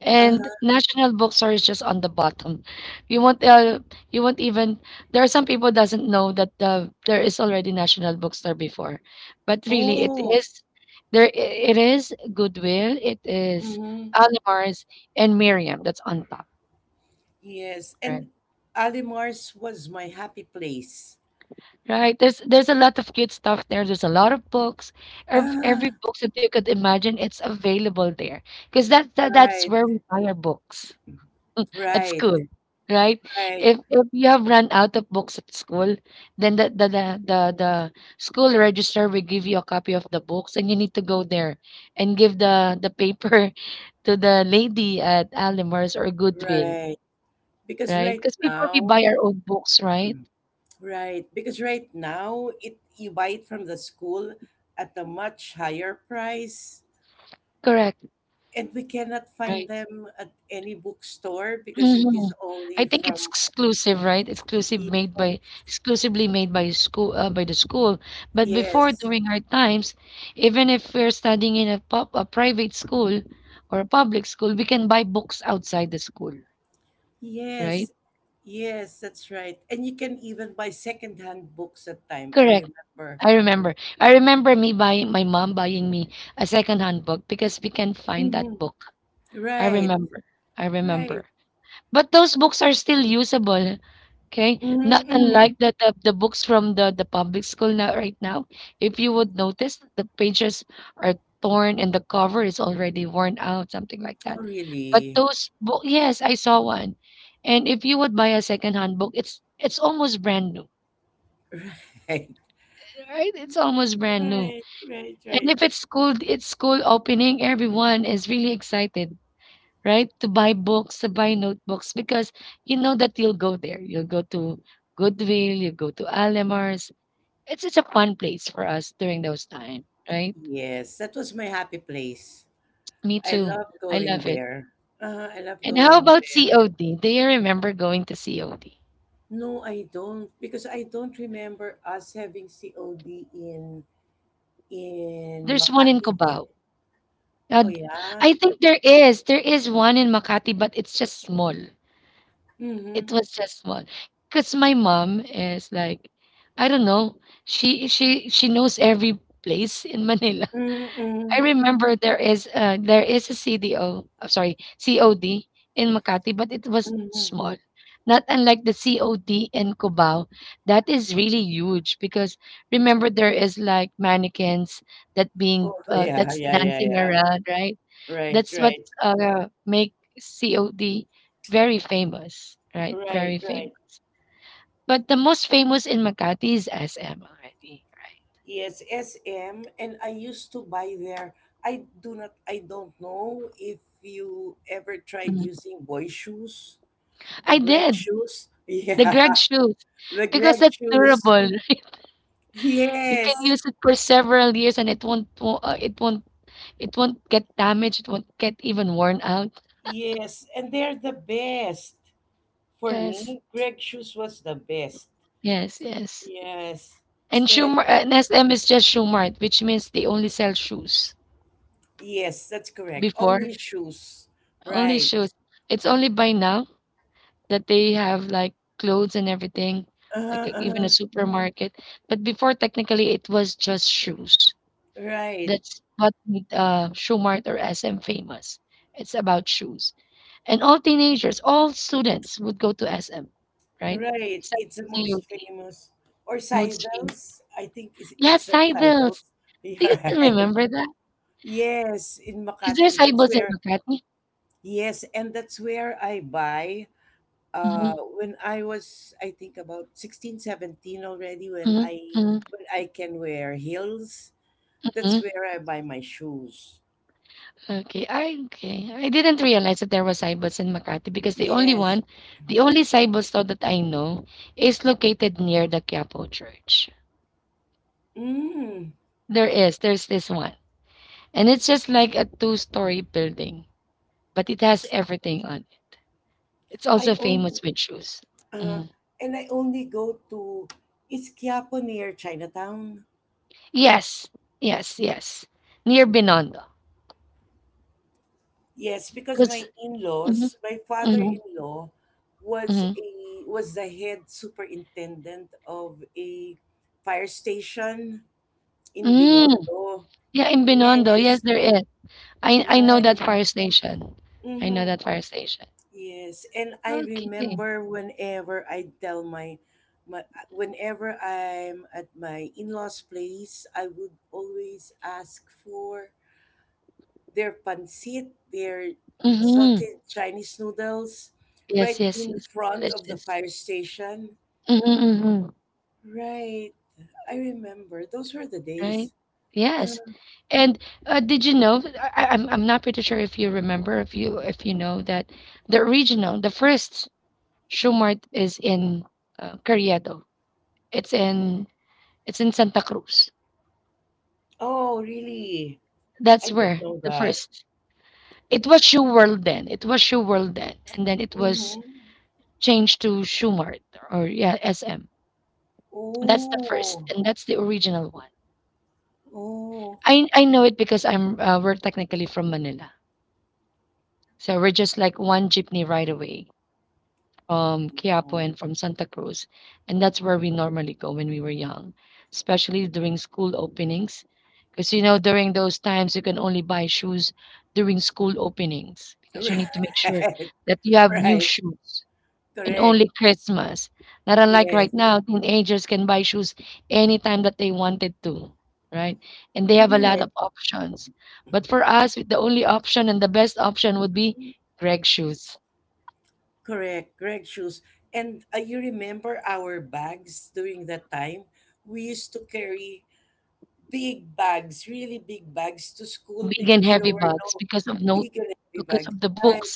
Speaker 1: and
Speaker 2: Uh-huh.
Speaker 1: National Bookstore is just on the bottom. You won't. You won't even. There are some people doesn't know that there is already National Bookstore before, but really it
Speaker 2: Oh,
Speaker 1: is. There i- it is Goodwill. It is
Speaker 2: mm-hmm.
Speaker 1: Alamars and Miriam. That's on top,
Speaker 2: Yes,
Speaker 1: right?
Speaker 2: and Alimar's was my happy place.
Speaker 1: Right. There's a lot of cute stuff there. There's a lot of books. Every
Speaker 2: Ah,
Speaker 1: books that you could imagine, it's available there. Because that's
Speaker 2: right,
Speaker 1: where we buy our books at
Speaker 2: right,
Speaker 1: school, right?
Speaker 2: right,
Speaker 1: If you have run out of books at school, then the school registrar will give you a copy of the books, and you need to go there and give the paper to the lady at Alimers or Goodwill,
Speaker 2: right. Because
Speaker 1: right?
Speaker 2: right
Speaker 1: Because before we buy
Speaker 2: now,
Speaker 1: our own books, right?
Speaker 2: right, because right now it you buy it from the school at a much higher price,
Speaker 1: Correct.
Speaker 2: and we cannot find
Speaker 1: Right.
Speaker 2: them at any bookstore because it is
Speaker 1: Mhm.
Speaker 2: only
Speaker 1: I think it's
Speaker 2: from
Speaker 1: exclusive, right?
Speaker 2: y-
Speaker 1: Exclusively made by school by the school. But before
Speaker 2: yes,
Speaker 1: during our times, even if we're studying in a private school or a public school, we can buy books outside the school, right?
Speaker 2: yes, yes, that's right. And you can even buy secondhand books at time, I
Speaker 1: Correct.
Speaker 2: remember.
Speaker 1: I remember. I remember me buying my mom buying me a second-hand book because we can find that
Speaker 2: Mm-hmm.
Speaker 1: book. I
Speaker 2: Right,
Speaker 1: remember. I
Speaker 2: right.
Speaker 1: remember. But those books are still usable, okay? Not
Speaker 2: Mhm, mhm.
Speaker 1: unlike the books from the public school now right now. If you would notice, the pages are torn and the cover is already worn out, something like
Speaker 2: Oh,
Speaker 1: that. But
Speaker 2: really?
Speaker 1: those book, yes, I saw one. And if you would buy a secondhand book, it's almost brand new,
Speaker 2: Right.
Speaker 1: right? It's almost brand new.
Speaker 2: Right, right,
Speaker 1: And
Speaker 2: right.
Speaker 1: if it's school, it's school opening. Everyone is really excited, right? To buy books, to buy notebooks, because you know that you'll go there. You'll go to Goodwill, you go to Alamars. It's a fun place for us during those time, right?
Speaker 2: Yes, that was my happy place.
Speaker 1: Me
Speaker 2: I
Speaker 1: too.
Speaker 2: love
Speaker 1: I
Speaker 2: going
Speaker 1: love it.
Speaker 2: there. I love
Speaker 1: And how
Speaker 2: going
Speaker 1: about
Speaker 2: there.
Speaker 1: COD? Do you remember going to COD?
Speaker 2: No, I don't because I don't remember us having COD in
Speaker 1: There's one in
Speaker 2: Makati.
Speaker 1: Cubao. Uh,
Speaker 2: Oh
Speaker 1: d-
Speaker 2: yeah.
Speaker 1: I think there is. There is one in Makati, but it's just small.
Speaker 2: Mhm.
Speaker 1: It was just small. Because my mom is like, I don't know. She knows every place in Manila.
Speaker 2: Mm-hmm.
Speaker 1: I remember there is a CDO, I'm sorry, COD in Makati, but it was
Speaker 2: Mm-hmm. Mm-hmm.
Speaker 1: small. Not unlike the COD in Cubao. That is really huge because remember there is like mannequins that being
Speaker 2: Oh yeah,
Speaker 1: that's
Speaker 2: yeah, yeah,
Speaker 1: dancing
Speaker 2: yeah.
Speaker 1: around, right?
Speaker 2: Right,
Speaker 1: That's what
Speaker 2: right,
Speaker 1: make COD very famous, right?
Speaker 2: right,
Speaker 1: Very famous.
Speaker 2: right.
Speaker 1: But the most famous in Makati is SM already, right?
Speaker 2: Yes, SM, and I used to buy there. I do not, I don't know if you ever tried
Speaker 1: Mhm.
Speaker 2: using boy shoes, the
Speaker 1: I
Speaker 2: Greg
Speaker 1: did.
Speaker 2: shoes.
Speaker 1: The
Speaker 2: Yeah,
Speaker 1: Greg shoes,
Speaker 2: the
Speaker 1: because
Speaker 2: Greg
Speaker 1: that's
Speaker 2: shoes.
Speaker 1: durable. You can
Speaker 2: Yes,
Speaker 1: use it for several years and it won't, it won't get damaged, it won't get even worn out.
Speaker 2: yes, and they're the best. For
Speaker 1: Yes.
Speaker 2: me, Greg shoes was the best.
Speaker 1: Yes, yes.
Speaker 2: Yes,
Speaker 1: And
Speaker 2: and
Speaker 1: Schumar and SM is just Schumart, which means they only sell shoes
Speaker 2: yes, that's correct.
Speaker 1: before.
Speaker 2: Only shoes.
Speaker 1: Only
Speaker 2: Right.
Speaker 1: shoes. It's only by now that they have like clothes and everything, like
Speaker 2: Uh,
Speaker 1: even a
Speaker 2: uh,
Speaker 1: supermarket. But before technically it was just shoes.
Speaker 2: right.
Speaker 1: That's what made Shoe-Mart or SM famous. It's about shoes. And all teenagers, all students would go to SM, right?
Speaker 2: Right.
Speaker 1: Aside
Speaker 2: It's
Speaker 1: from
Speaker 2: the most
Speaker 1: COT,
Speaker 2: famous. Or
Speaker 1: most famous.
Speaker 2: Saivel's. I think
Speaker 1: Yeah,
Speaker 2: it's at
Speaker 1: Sybils.
Speaker 2: Saivel's. You're
Speaker 1: Do you still
Speaker 2: right.
Speaker 1: remember that?
Speaker 2: Yes, in
Speaker 1: Is there
Speaker 2: Makati. That's
Speaker 1: Cybels in
Speaker 2: where,
Speaker 1: Makati?
Speaker 2: yes, and that's where I buy.
Speaker 1: Mhm,
Speaker 2: When I was, I think about 16, 17 already,
Speaker 1: mhm, mhm,
Speaker 2: when I can wear heels, that's
Speaker 1: mhm.
Speaker 2: where I buy my shoes.
Speaker 1: Okay. I didn't realize that there was Sybils in Makati because
Speaker 2: Yes.
Speaker 1: the only Sybils store that I know is located near the Quiapo Church.
Speaker 2: Mm.
Speaker 1: There is. There's this one. And it's just like a two-story building, but it has everything on it. It's
Speaker 2: I
Speaker 1: also
Speaker 2: own,
Speaker 1: famous with shoes.
Speaker 2: uh,
Speaker 1: Mm.
Speaker 2: and I only go to, it's Quiapo near Chinatown.
Speaker 1: Yes, yes, yes. Near Binondo.
Speaker 2: Yes, because my
Speaker 1: Because mm
Speaker 2: in-laws, my
Speaker 1: mm
Speaker 2: father-in-law was
Speaker 1: mm
Speaker 2: a was the head superintendent of a fire station in
Speaker 1: mm.
Speaker 2: Binondo.
Speaker 1: Yeah, in Binondo. Yes,
Speaker 2: Yes,
Speaker 1: there is. I know
Speaker 2: right.
Speaker 1: that fire station. I know
Speaker 2: Mm-hmm.
Speaker 1: that fire station.
Speaker 2: Yes, and I
Speaker 1: Okay.
Speaker 2: remember whenever I tell my my whenever I'm at my in-laws' place, I would always ask for their pancit, their
Speaker 1: Mm-hmm.
Speaker 2: sauteed Chinese noodles
Speaker 1: Yes,
Speaker 2: right
Speaker 1: yes,
Speaker 2: in
Speaker 1: yes.
Speaker 2: front of the
Speaker 1: Delicious.
Speaker 2: fire station.
Speaker 1: Mm-hmm, mm-hmm.
Speaker 2: Right. I remember. Those were the
Speaker 1: Right?
Speaker 2: days.
Speaker 1: Yes. And did you know? I'm not pretty sure if you remember, if you know that the original, the first Shumart is in Carriedo. It's in it's in Santa Cruz.
Speaker 2: Oh, really? I
Speaker 1: That's
Speaker 2: didn't
Speaker 1: where
Speaker 2: know
Speaker 1: the
Speaker 2: that.
Speaker 1: first. It was Shoe World then. It was Shoe World then, and then it was
Speaker 2: Mm-hmm.
Speaker 1: changed to Shumart or yeah SM. That's the first,
Speaker 2: Oh,
Speaker 1: and that's the original one.
Speaker 2: oh,
Speaker 1: I know it because I'm we're technically from Manila, so we're just like one jeepney right away from Quiapo
Speaker 2: oh.
Speaker 1: and from Santa Cruz, and that's where we normally go when we were young, especially during school openings. Because during those times, you can only buy shoes during school openings because you need to make sure
Speaker 2: Right,
Speaker 1: that you have new
Speaker 2: right,
Speaker 1: shoes and
Speaker 2: correct.
Speaker 1: only Christmas. Not unlike right
Speaker 2: Yes,
Speaker 1: now, teenagers can buy shoes anytime that they wanted to, right? And they have a lot
Speaker 2: correct,
Speaker 1: of options. But for us, the only option and the best option would be Greg shoes.
Speaker 2: correct. Correct shoes. And you remember our bags during that time? We used to carry big bags, really big bags to school
Speaker 1: Big and
Speaker 2: because there
Speaker 1: heavy
Speaker 2: were
Speaker 1: bags
Speaker 2: no big and heavy
Speaker 1: because
Speaker 2: bags.
Speaker 1: of the
Speaker 2: Right.
Speaker 1: books.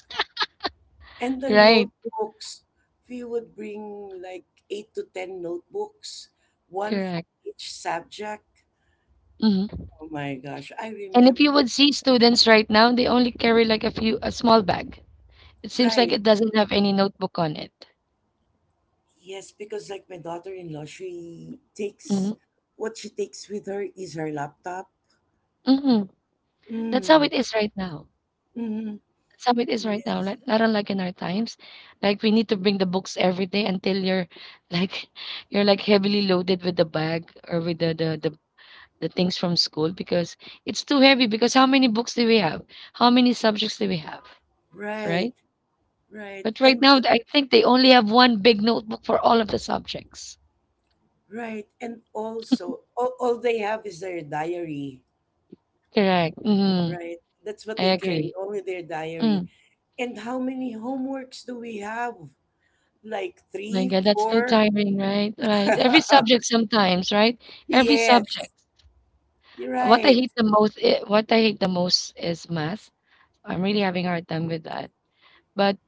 Speaker 2: And the
Speaker 1: Right,
Speaker 2: notebooks, we would bring like eight to ten notebooks, one for
Speaker 1: correct.
Speaker 2: each subject.
Speaker 1: Mhm.
Speaker 2: Oh my gosh, I
Speaker 1: And if
Speaker 2: remember.
Speaker 1: you would see students right now, they only carry like a small bag. It seems like
Speaker 2: Right.
Speaker 1: it doesn't have any notebook on it.
Speaker 2: Yes, because like my daughter-in-law, she
Speaker 1: Mhm.
Speaker 2: takes what she takes with her is her laptop.
Speaker 1: Mhm. That's how
Speaker 2: Mm.
Speaker 1: it is right now.
Speaker 2: Mm-hmm.
Speaker 1: That's how it is right now.
Speaker 2: Yes.
Speaker 1: Like not unlike in our times, like we need to bring the books every day until you're like you're like heavily loaded with the bag or with the things from school because it's too heavy. Because how many books do we have? How many subjects do we have?
Speaker 2: Right.
Speaker 1: Right?
Speaker 2: Right.
Speaker 1: But right
Speaker 2: And
Speaker 1: now, I think they only have one big notebook for all of the subjects.
Speaker 2: right, and also all they have is their diary,
Speaker 1: Correct. Mm-hmm.
Speaker 2: right? That's what
Speaker 1: I
Speaker 2: they carry,
Speaker 1: agree.
Speaker 2: only their diary.
Speaker 1: Mm.
Speaker 2: And how many homeworks do we have? Like
Speaker 1: My
Speaker 2: three,
Speaker 1: God, that's too
Speaker 2: four?
Speaker 1: tiring, right? Right. Every subject sometimes, right? Every
Speaker 2: Yes,
Speaker 1: subject.
Speaker 2: you're right.
Speaker 1: What I hate the most is math. I'm really having a hard time with that. But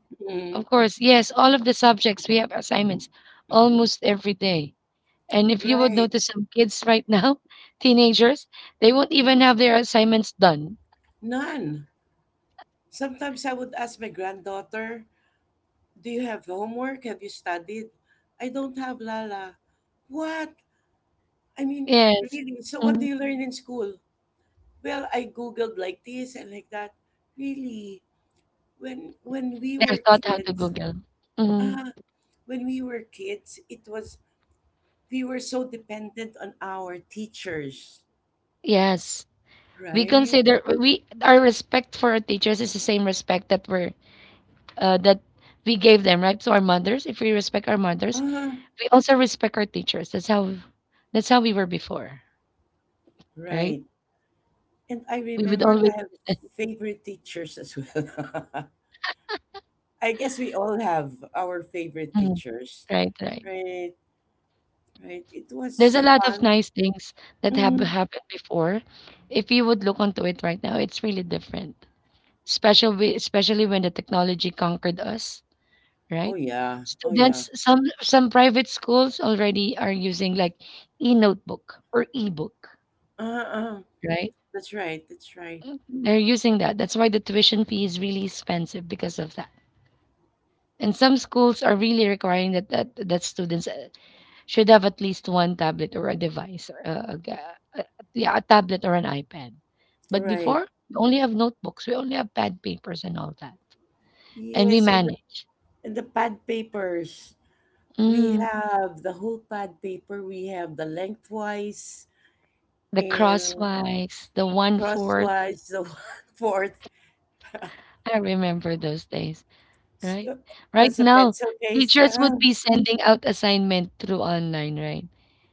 Speaker 1: of
Speaker 2: Mhm.
Speaker 1: course, yes, all of the subjects we have assignments almost every day. And if you would
Speaker 2: Right.
Speaker 1: notice some kids right now, teenagers, they won't even have their assignments done.
Speaker 2: None. Sometimes I would ask my granddaughter, do you have homework? Have you studied? I don't have, Lala. What? I mean,
Speaker 1: Yes.
Speaker 2: really? So, what
Speaker 1: Mm-hmm.
Speaker 2: do you learn in school? Well, I googled like this and like that. Really, when we
Speaker 1: They're
Speaker 2: were
Speaker 1: taught how to
Speaker 2: kids,
Speaker 1: Google. Mhm.
Speaker 2: ah, when we were kids, it was we were so dependent on our teachers,
Speaker 1: Yes. We
Speaker 2: right?
Speaker 1: consider we Our respect for our teachers is the same respect that uh, that we gave them, right? So our mothers, if we respect our mothers,
Speaker 2: Ah,
Speaker 1: we also respect our teachers. That's how we were before, right?
Speaker 2: right. And I
Speaker 1: We would
Speaker 2: remember
Speaker 1: always.
Speaker 2: I have favorite teachers as well. I guess we all have our favorite
Speaker 1: Mhm.
Speaker 2: teachers,
Speaker 1: Right, right.
Speaker 2: right? Right. It
Speaker 1: There's a
Speaker 2: was
Speaker 1: lot of
Speaker 2: fun.
Speaker 1: nice things that have
Speaker 2: Mm.
Speaker 1: happened before. If you would look onto it right now, it's really different. Especially when the technology conquered us,
Speaker 2: Oh
Speaker 1: right?
Speaker 2: yeah. Oh yeah.
Speaker 1: Students, some private schools already are using like e-notebook or e-book,
Speaker 2: Uh-uh.
Speaker 1: right?
Speaker 2: That's right. That's right.
Speaker 1: Mm, they're using that. That's why the tuition fee is really expensive because of that. And some schools are really requiring that students should have at least one tablet or a device or yeah, a tablet or an iPad.
Speaker 2: All
Speaker 1: But
Speaker 2: right.
Speaker 1: before, we only have notebooks, we only have pad papers and all that. And we
Speaker 2: Yes,
Speaker 1: manage.
Speaker 2: and the pad papers. We
Speaker 1: Mm,
Speaker 2: have the whole pad paper. We have the lengthwise
Speaker 1: the
Speaker 2: and
Speaker 1: crosswise, the one fourth.
Speaker 2: crosswise, the one fourth,
Speaker 1: I remember those days,
Speaker 2: s-
Speaker 1: right?
Speaker 2: uh,
Speaker 1: Right
Speaker 2: plus a
Speaker 1: now,
Speaker 2: pencil case.
Speaker 1: teachers would be sending out assignment through online, right?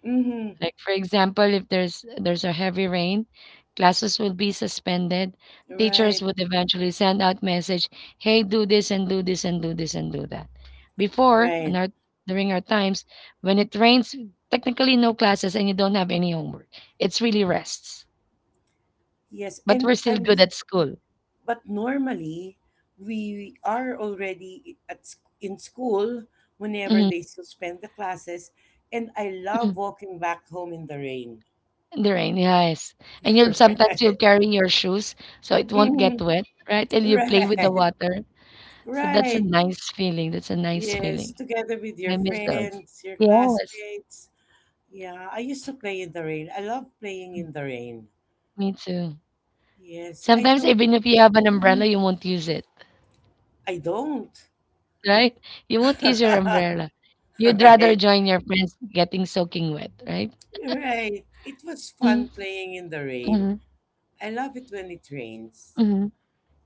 Speaker 2: Mm-hmm.
Speaker 1: Like for example, if there's a heavy rain, classes will be suspended. Teachers
Speaker 2: Right,
Speaker 1: would eventually send out message, "Hey, do this and do this and do this and do that." Before, on
Speaker 2: right.
Speaker 1: our during our times, when it rains, technically no classes and you don't have any homework. It's really rests,
Speaker 2: Yes,
Speaker 1: but we're
Speaker 2: and
Speaker 1: still
Speaker 2: I'm.
Speaker 1: good at school.
Speaker 2: but normally, we are already at in school whenever
Speaker 1: Mhm.
Speaker 2: they suspend the classes, and I love walking back home in the rain.
Speaker 1: In the rain, yes. And you'll sometimes
Speaker 2: Right.
Speaker 1: you'll carry your shoes so it won't get
Speaker 2: Mhm.
Speaker 1: wet, right? And you play with the
Speaker 2: Right.
Speaker 1: water. So that's a
Speaker 2: Right.
Speaker 1: nice feeling. That's a nice
Speaker 2: Yes,
Speaker 1: feeling.
Speaker 2: together with your
Speaker 1: I miss those.
Speaker 2: friends, your
Speaker 1: Yes,
Speaker 2: classmates. Yeah, I used to play in the rain. I love playing in the rain.
Speaker 1: me too.
Speaker 2: Yes, I
Speaker 1: Sometimes
Speaker 2: don't.
Speaker 1: even if you have an umbrella, you won't use it,
Speaker 2: I don't.
Speaker 1: right? You won't use your umbrella. You'd rather
Speaker 2: Right.
Speaker 1: join your friends getting soaking wet, right?
Speaker 2: Right. It was fun
Speaker 1: Mm-hmm.
Speaker 2: playing in the rain.
Speaker 1: Mm-hmm.
Speaker 2: I love it when it rains.
Speaker 1: Mm-hmm.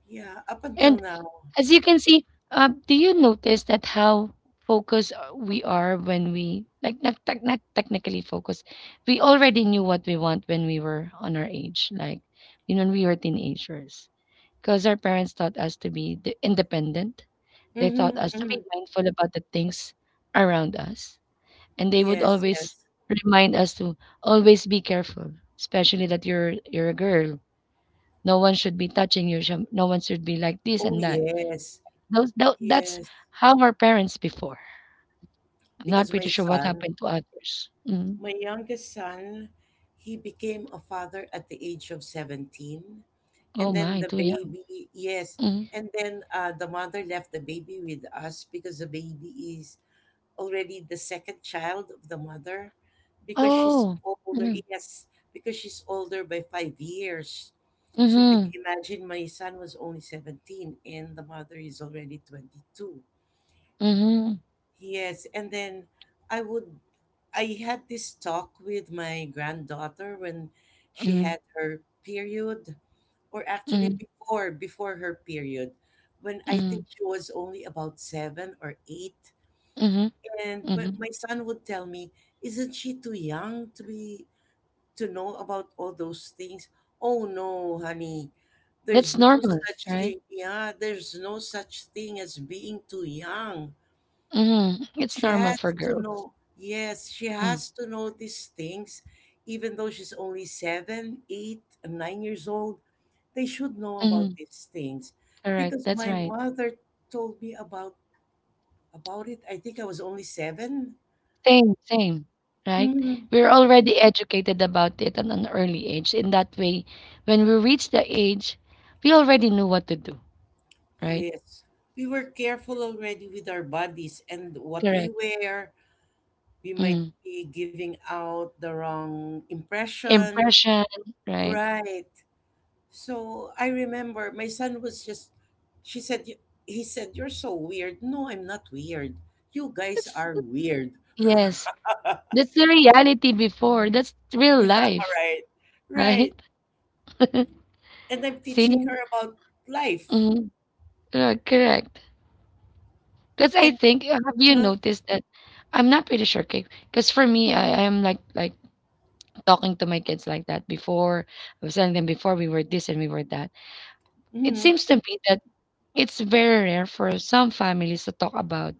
Speaker 2: Yeah, up until
Speaker 1: And
Speaker 2: now.
Speaker 1: as you can see, do you notice that how focused we are when we like not, not technically focused? We already knew what we want when we were on our age, like you know, when we were teenagers, because our parents taught us to be independent. They taught
Speaker 2: Mm-hmm,
Speaker 1: us to
Speaker 2: mm-hmm.
Speaker 1: be mindful about the things around us, and they would
Speaker 2: Yes,
Speaker 1: always
Speaker 2: yes.
Speaker 1: remind us to always be careful, especially that you're a girl. No one should be touching you. No one should be like this
Speaker 2: Oh,
Speaker 1: and that,
Speaker 2: yes.
Speaker 1: those tho that's
Speaker 2: Yes.
Speaker 1: how our parents before. I'm not
Speaker 2: Because my
Speaker 1: pretty sure what
Speaker 2: son,
Speaker 1: happened to others. Mm.
Speaker 2: my youngest son, he became a father at the age of 17. And
Speaker 1: Oh
Speaker 2: then
Speaker 1: my,
Speaker 2: the
Speaker 1: too young.
Speaker 2: baby, yes.
Speaker 1: Mm.
Speaker 2: And then the mother left the baby with us because the baby is already the second child of the mother because she's
Speaker 1: Oh.
Speaker 2: older.
Speaker 1: Mm.
Speaker 2: Yes, because she's older by 5 years. So can
Speaker 1: Mhm.
Speaker 2: you imagine my son was only 17 and the mother is already 22.
Speaker 1: Mhm.
Speaker 2: Yes, and then I would I had this talk with my granddaughter when she
Speaker 1: Mhm.
Speaker 2: had her period, or actually
Speaker 1: Mhm.
Speaker 2: before her period, when I think
Speaker 1: Mhm.
Speaker 2: she was only about seven or eight.
Speaker 1: Mhm.
Speaker 2: And my
Speaker 1: Mhm.
Speaker 2: my son would tell me, "Isn't she too young to be to know about all those things?" Oh no, honey, there's
Speaker 1: That's
Speaker 2: no
Speaker 1: normal,
Speaker 2: such
Speaker 1: right?
Speaker 2: thing. Yeah, there's no such thing as being too young.
Speaker 1: Mhm. It's
Speaker 2: She
Speaker 1: normal for
Speaker 2: has to
Speaker 1: girls.
Speaker 2: know, yes, she
Speaker 1: Mm.
Speaker 2: has to know these things. Even though she's only seven, 8, and 9 years old, they should know about
Speaker 1: Mhm.
Speaker 2: these things.
Speaker 1: Correct.
Speaker 2: Because
Speaker 1: That's
Speaker 2: my
Speaker 1: right.
Speaker 2: mother told me about it. I think I was only seven.
Speaker 1: Same, same, right?
Speaker 2: Mm,
Speaker 1: We're already educated about it at an early age. In that way, when we reach the age, we already knew what to do, right?
Speaker 2: yes. We were careful already with our bodies and what we
Speaker 1: Correct.
Speaker 2: wear. We might
Speaker 1: Mm.
Speaker 2: be giving out the wrong impression.
Speaker 1: Impression, right?
Speaker 2: Right. So I remember my son was just, she said, "You- he said, "You're so weird. No, I'm not weird. You guys
Speaker 1: That's
Speaker 2: are weird."
Speaker 1: yes. That's the reality before. That's real
Speaker 2: All
Speaker 1: life,
Speaker 2: right.
Speaker 1: right?
Speaker 2: Right. And I'm
Speaker 1: See?
Speaker 2: teaching her about life.
Speaker 1: Mhm. Yeah, correct. Because I
Speaker 2: And,
Speaker 1: think, have you
Speaker 2: uh,
Speaker 1: noticed that? I'm not pretty sure, Kate. Because for me, I am like talking to my kids like that before. I was telling them before we were this and we were that. It
Speaker 2: mm,
Speaker 1: seems to me that it's very rare for some families to talk about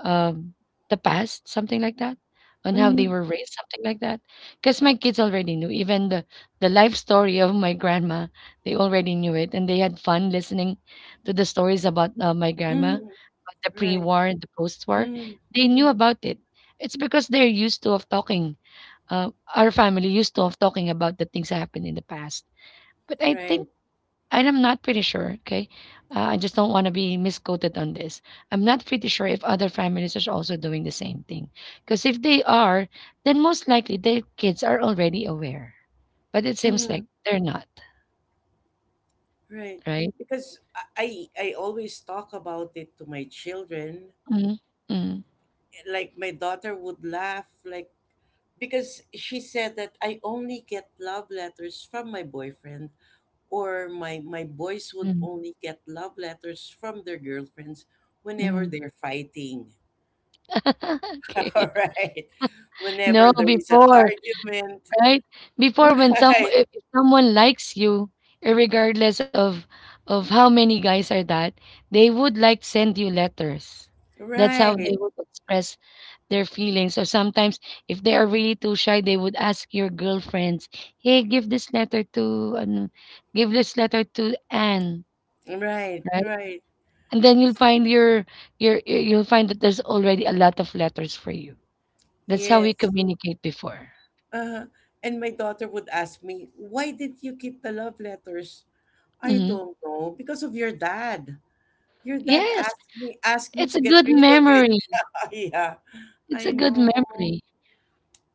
Speaker 1: Um, the past, something like that, on how they
Speaker 2: mm,
Speaker 1: were raised, something like that. Because my kids already knew, even the life story of my grandma, they already knew it, and they had fun listening to the stories about my grandma,
Speaker 2: mm,
Speaker 1: about the
Speaker 2: right.
Speaker 1: pre-war and the post-war.
Speaker 2: Mm,
Speaker 1: They knew about it. It's because they're used to of talking. Uh, our family used to of talking about the things that happened in the past. But I think
Speaker 2: right.
Speaker 1: and I'm not pretty sure, okay? I just don't want to be misquoted on this. I'm not pretty sure if other families are also doing the same thing. Because if they are, then most likely their kids are already aware. But it seems
Speaker 2: Mm,
Speaker 1: like they're not,
Speaker 2: right.
Speaker 1: right?
Speaker 2: Because I always talk about it to my children.
Speaker 1: mm mm
Speaker 2: Like my daughter would laugh, like, because she said that I only get love letters from my boyfriend or my boys would
Speaker 1: mm
Speaker 2: only get love letters from their girlfriends whenever
Speaker 1: mm.
Speaker 2: they're fighting.
Speaker 1: Okay.
Speaker 2: All right, whenever
Speaker 1: No,
Speaker 2: there is an
Speaker 1: before,
Speaker 2: argument.
Speaker 1: right? Before when some
Speaker 2: Right,
Speaker 1: if someone likes you, regardless of how many guys are that, they would like send you letters. That's how they
Speaker 2: right,
Speaker 1: would express their feelings. So sometimes, if they are really too shy, they would ask your girlfriends, "Hey, give this letter to ano, give this letter to Anne,"
Speaker 2: right,
Speaker 1: right?
Speaker 2: right,
Speaker 1: And then you'll find your you'll find that there's already a lot of letters for you. That's how we
Speaker 2: yes.
Speaker 1: communicate before.
Speaker 2: uh and my daughter would ask me, why didn't you keep the love letters? I
Speaker 1: Hmm.
Speaker 2: don't know, because of your dad. Your dad
Speaker 1: Yes,
Speaker 2: asked me
Speaker 1: it's
Speaker 2: to
Speaker 1: a
Speaker 2: get
Speaker 1: good
Speaker 2: rid of it.
Speaker 1: memory.
Speaker 2: Yeah,
Speaker 1: It's
Speaker 2: I
Speaker 1: a good
Speaker 2: know.
Speaker 1: memory.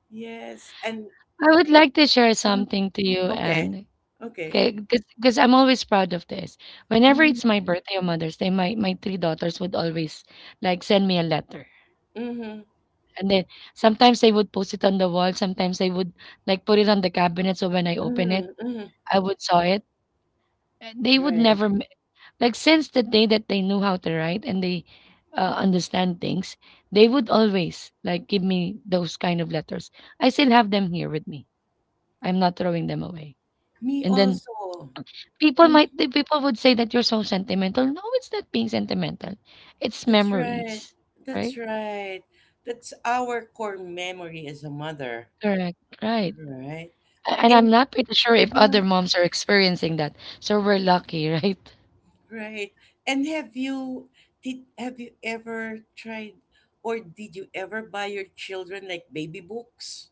Speaker 2: Yes, and
Speaker 1: I would like to share
Speaker 2: uh,
Speaker 1: something to you,
Speaker 2: okay.
Speaker 1: Anne.
Speaker 2: Okay.
Speaker 1: Okay, because I'm always proud of this. Whenever
Speaker 2: Mhm.
Speaker 1: it's my birthday or Mother's Day, my three daughters would always like send me a letter.
Speaker 2: Mhm.
Speaker 1: And then sometimes they would post it on the wall, sometimes they would like put it on the cabinet so when I open it,
Speaker 2: Mhm. Mhm.
Speaker 1: I would saw it. They would
Speaker 2: Right.
Speaker 1: never like since the day that they knew how to write and they understand things, they would always like give me those kind of letters. I still have them here with me. I'm not throwing them away.
Speaker 2: Me
Speaker 1: And then
Speaker 2: also.
Speaker 1: People
Speaker 2: Mhm.
Speaker 1: might the people would say that you're so sentimental. No, it's not being sentimental. It's
Speaker 2: That's right.
Speaker 1: memories,
Speaker 2: That's
Speaker 1: right?
Speaker 2: right. That's our core memory as a mother,
Speaker 1: Correct, right.
Speaker 2: right?
Speaker 1: And I'm
Speaker 2: And
Speaker 1: not pretty sure if other
Speaker 2: uh,
Speaker 1: moms are experiencing that. So we're lucky, right?
Speaker 2: right. And have you ever tried or did you ever buy your children like baby books?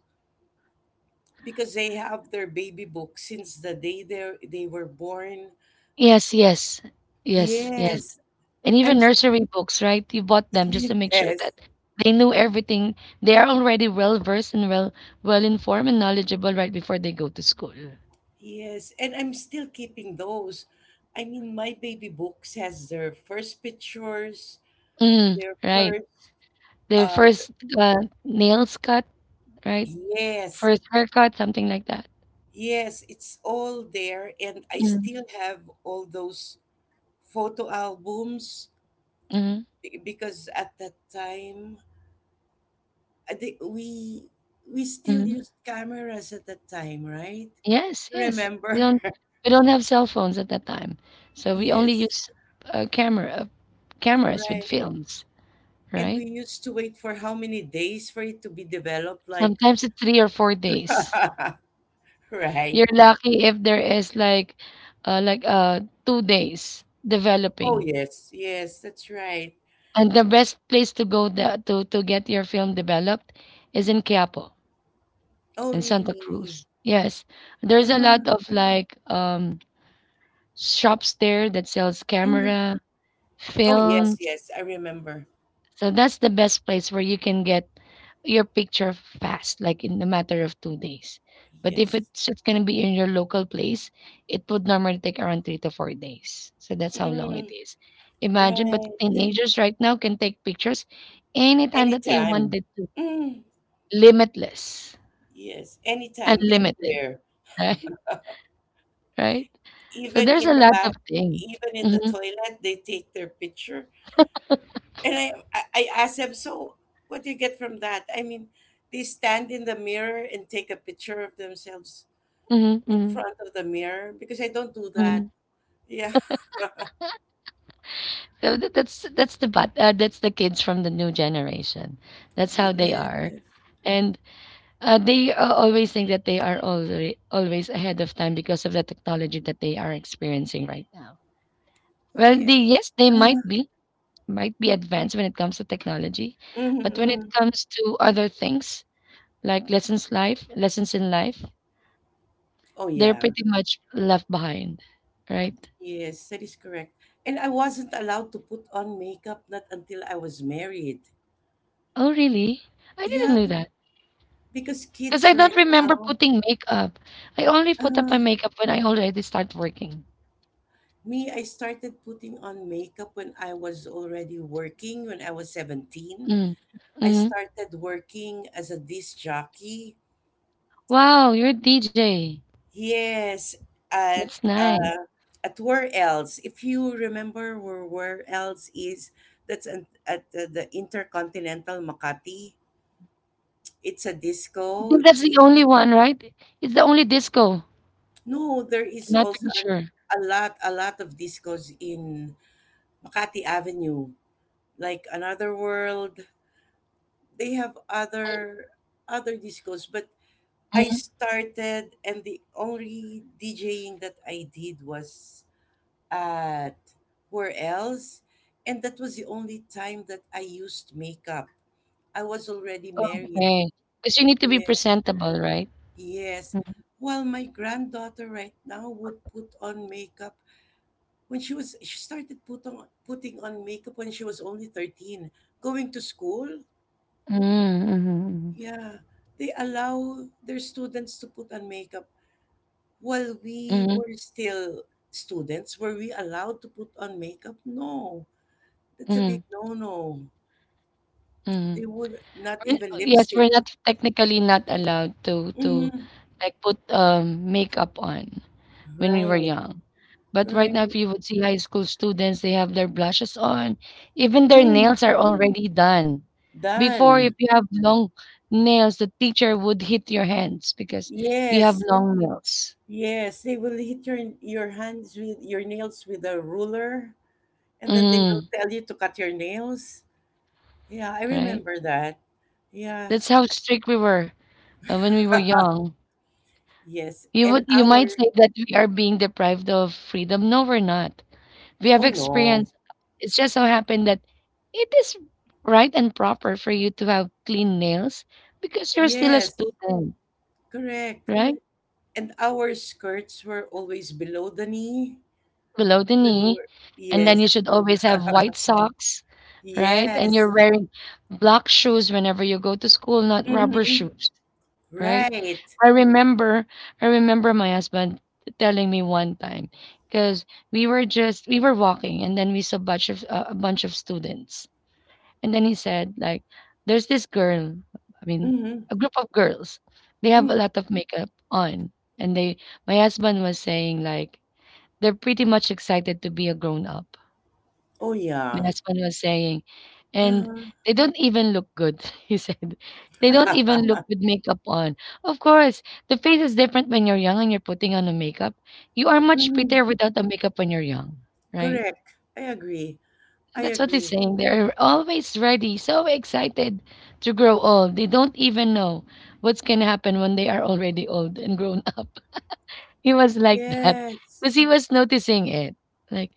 Speaker 2: Because they have their baby books since the day they were born.
Speaker 1: Yes, yes. Yes, yes.
Speaker 2: Yes.
Speaker 1: And
Speaker 2: I'm
Speaker 1: even nursery books, right? You bought them just to make sure
Speaker 2: yes.
Speaker 1: that they knew everything. They are already well versed and well informed and knowledgeable right before they go to school.
Speaker 2: Yes, and I'm still keeping those. I mean, my baby books has their first pictures,
Speaker 1: Mm,
Speaker 2: their
Speaker 1: right.
Speaker 2: first
Speaker 1: Their
Speaker 2: uh
Speaker 1: first uh, nails cut, right?
Speaker 2: yes,
Speaker 1: First haircut, something like that.
Speaker 2: yes, it's all there and I
Speaker 1: Mm,
Speaker 2: still have all those photo albums
Speaker 1: mhm,
Speaker 2: because at that time the, we still
Speaker 1: mhm.
Speaker 2: used cameras at that time, right?
Speaker 1: Yes,
Speaker 2: You
Speaker 1: yes.
Speaker 2: remember?
Speaker 1: We don't have cell phones at that time, so we only
Speaker 2: Yes,
Speaker 1: use, uh, camera uh, cameras with
Speaker 2: right.
Speaker 1: films,
Speaker 2: And we
Speaker 1: right?
Speaker 2: used to wait for how many days for it to be developed, like
Speaker 1: Sometimes it's 3 or 4 days.
Speaker 2: right.
Speaker 1: You're lucky if there is like, uh, like, uh, 2 days
Speaker 2: Oh,
Speaker 1: developing.
Speaker 2: yes. Yes, that's right.
Speaker 1: And the best place to go the to get your film developed is in Quiapo,
Speaker 2: Oh,
Speaker 1: in Santa
Speaker 2: really?
Speaker 1: Cruz. Yes, there's a lot
Speaker 2: Uh,
Speaker 1: of like, shops there that sells
Speaker 2: mm.
Speaker 1: camera,
Speaker 2: Oh, yes,
Speaker 1: films.
Speaker 2: yes. I remember.
Speaker 1: So that's the best place where you can get your picture fast, like in a matter of 2 days. But if
Speaker 2: Yes.
Speaker 1: it's just gonna be in your local place, it would normally take around 3 to 4 days. So that's how long it
Speaker 2: Mm,
Speaker 1: is. Imagine, but
Speaker 2: right.
Speaker 1: teenagers right now can take pictures anytime that they
Speaker 2: Anytime.
Speaker 1: wanted to.
Speaker 2: Mm,
Speaker 1: Limitless.
Speaker 2: yes. Anytime,
Speaker 1: Unlimited.
Speaker 2: anywhere.
Speaker 1: Right? Right? So
Speaker 2: Even
Speaker 1: there's
Speaker 2: in
Speaker 1: a
Speaker 2: the
Speaker 1: lot of
Speaker 2: bath,
Speaker 1: things.
Speaker 2: even in the
Speaker 1: hmm
Speaker 2: toilet, they take their picture. And I asked them, so what do you get from that? I mean, they stand in the mirror and take a picture of themselves
Speaker 1: hmm
Speaker 2: in
Speaker 1: hmm
Speaker 2: front of the mirror because I don't do that.
Speaker 1: hmm
Speaker 2: Yeah.
Speaker 1: that's the kids from the new generation. That's how they
Speaker 2: Yes,
Speaker 1: are, and they always think that they are already always ahead of time because of the technology that they are experiencing right now. Well, they
Speaker 2: yes.
Speaker 1: yes, they
Speaker 2: Uh,
Speaker 1: might be advanced when it comes to technology,
Speaker 2: mhm,
Speaker 1: but when it
Speaker 2: mhm.
Speaker 1: comes to other things like lessons life lessons in life,
Speaker 2: Oh,
Speaker 1: they're
Speaker 2: yeah.
Speaker 1: pretty much left behind, right?
Speaker 2: Yes, that is correct. And I wasn't allowed to put on makeup not until I was married.
Speaker 1: Oh, really? I didn't
Speaker 2: Yeah,
Speaker 1: know that.
Speaker 2: because
Speaker 1: Because I
Speaker 2: kids
Speaker 1: don't
Speaker 2: right
Speaker 1: remember
Speaker 2: now,
Speaker 1: putting makeup. I only put up
Speaker 2: uh,
Speaker 1: my makeup when I already start working.
Speaker 2: me, I started putting on makeup when I was already working, when I was 17.
Speaker 1: Mm.
Speaker 2: I
Speaker 1: hmm
Speaker 2: started working as a disc jockey.
Speaker 1: Wow, you're a DJ.
Speaker 2: Yes, at
Speaker 1: That's nice.
Speaker 2: uh, at where else? If you remember where else is, that's at the Intercontinental Makati. It's a
Speaker 1: I
Speaker 2: disco.
Speaker 1: think that's
Speaker 2: It's
Speaker 1: the only one, right? It's the only disco.
Speaker 2: no, there is
Speaker 1: I'm not
Speaker 2: also
Speaker 1: pretty sure.
Speaker 2: a lot of discos in Makati Avenue, like Another World. They have other discos, but I
Speaker 1: Mm-hmm.
Speaker 2: started and the only DJing that I did was at where else? And that was the only time that I used makeup. I was already married.
Speaker 1: Okay. Because you need to be
Speaker 2: Yes,
Speaker 1: presentable, right?
Speaker 2: yes.
Speaker 1: Mm-hmm.
Speaker 2: Well, my granddaughter right now would put on makeup when she started putting on makeup when she was only 13, going to school.
Speaker 1: Mm-hmm.
Speaker 2: Yeah, they allow their students to put on makeup. While we
Speaker 1: Mm-hmm.
Speaker 2: were still students, were we allowed to put on makeup? No, that's a
Speaker 1: Mm-hmm.
Speaker 2: big no no.
Speaker 1: Mm-hmm.
Speaker 2: They would not
Speaker 1: We're,
Speaker 2: even
Speaker 1: yes, we're
Speaker 2: lipstick.
Speaker 1: not technically not allowed to
Speaker 2: Mhm.
Speaker 1: like put makeup on when we were
Speaker 2: Right,
Speaker 1: young. But right now, if
Speaker 2: right.
Speaker 1: you would see high school students, they have their blushes on. Even their
Speaker 2: Mm.
Speaker 1: nails are already done. Before, if
Speaker 2: Done.
Speaker 1: you have long nails, the teacher would hit your hands because you have
Speaker 2: Yes,
Speaker 1: long nails.
Speaker 2: yes. They will hit your hands with your nails with a ruler, and then they will
Speaker 1: Mm,
Speaker 2: tell you to cut your nails. Yeah, I
Speaker 1: right?
Speaker 2: remember that. Yeah,
Speaker 1: That's how strict we were when we were young.
Speaker 2: yes.
Speaker 1: You would
Speaker 2: And
Speaker 1: you might
Speaker 2: our
Speaker 1: say that we are being deprived of freedom. No, we're not. We have
Speaker 2: oh
Speaker 1: experience.
Speaker 2: no,
Speaker 1: It's just so happened that it is right and proper for you to have clean nails because you're still a
Speaker 2: yes,
Speaker 1: student,
Speaker 2: correct.
Speaker 1: right?
Speaker 2: And our skirts were always below the knee
Speaker 1: Below the
Speaker 2: when we
Speaker 1: knee.
Speaker 2: were
Speaker 1: And then you
Speaker 2: yes,
Speaker 1: should always have white socks, right? And
Speaker 2: yes.
Speaker 1: you're wearing black shoes whenever you go to school, not rubber
Speaker 2: Mm-hmm.
Speaker 1: shoes, right?
Speaker 2: Right.
Speaker 1: I remember, I remember my husband telling me one time because we were walking and then we saw a bunch of students. And then he said, like, there's this girl, I mean,
Speaker 2: Mhm,
Speaker 1: a group of girls. They have a
Speaker 2: mm.
Speaker 1: lot of makeup on. And they My husband was saying like they're pretty much excited to be a grown up.
Speaker 2: Oh,
Speaker 1: My
Speaker 2: yeah.
Speaker 1: husband was saying, and
Speaker 2: Uh-huh.
Speaker 1: they don't even look good, he said. They don't even look with makeup on. Of course, the face is different when you're young and you're putting on a makeup. You are much prettier
Speaker 2: Mhm.
Speaker 1: without the makeup when you're young, right?
Speaker 2: Correct. I agree. I
Speaker 1: That's what he's
Speaker 2: agree.
Speaker 1: saying. They're always ready, so excited to grow old. They don't even know what's going to happen when they are already old and grown up. He was like that
Speaker 2: Yes.
Speaker 1: because he was noticing it. Like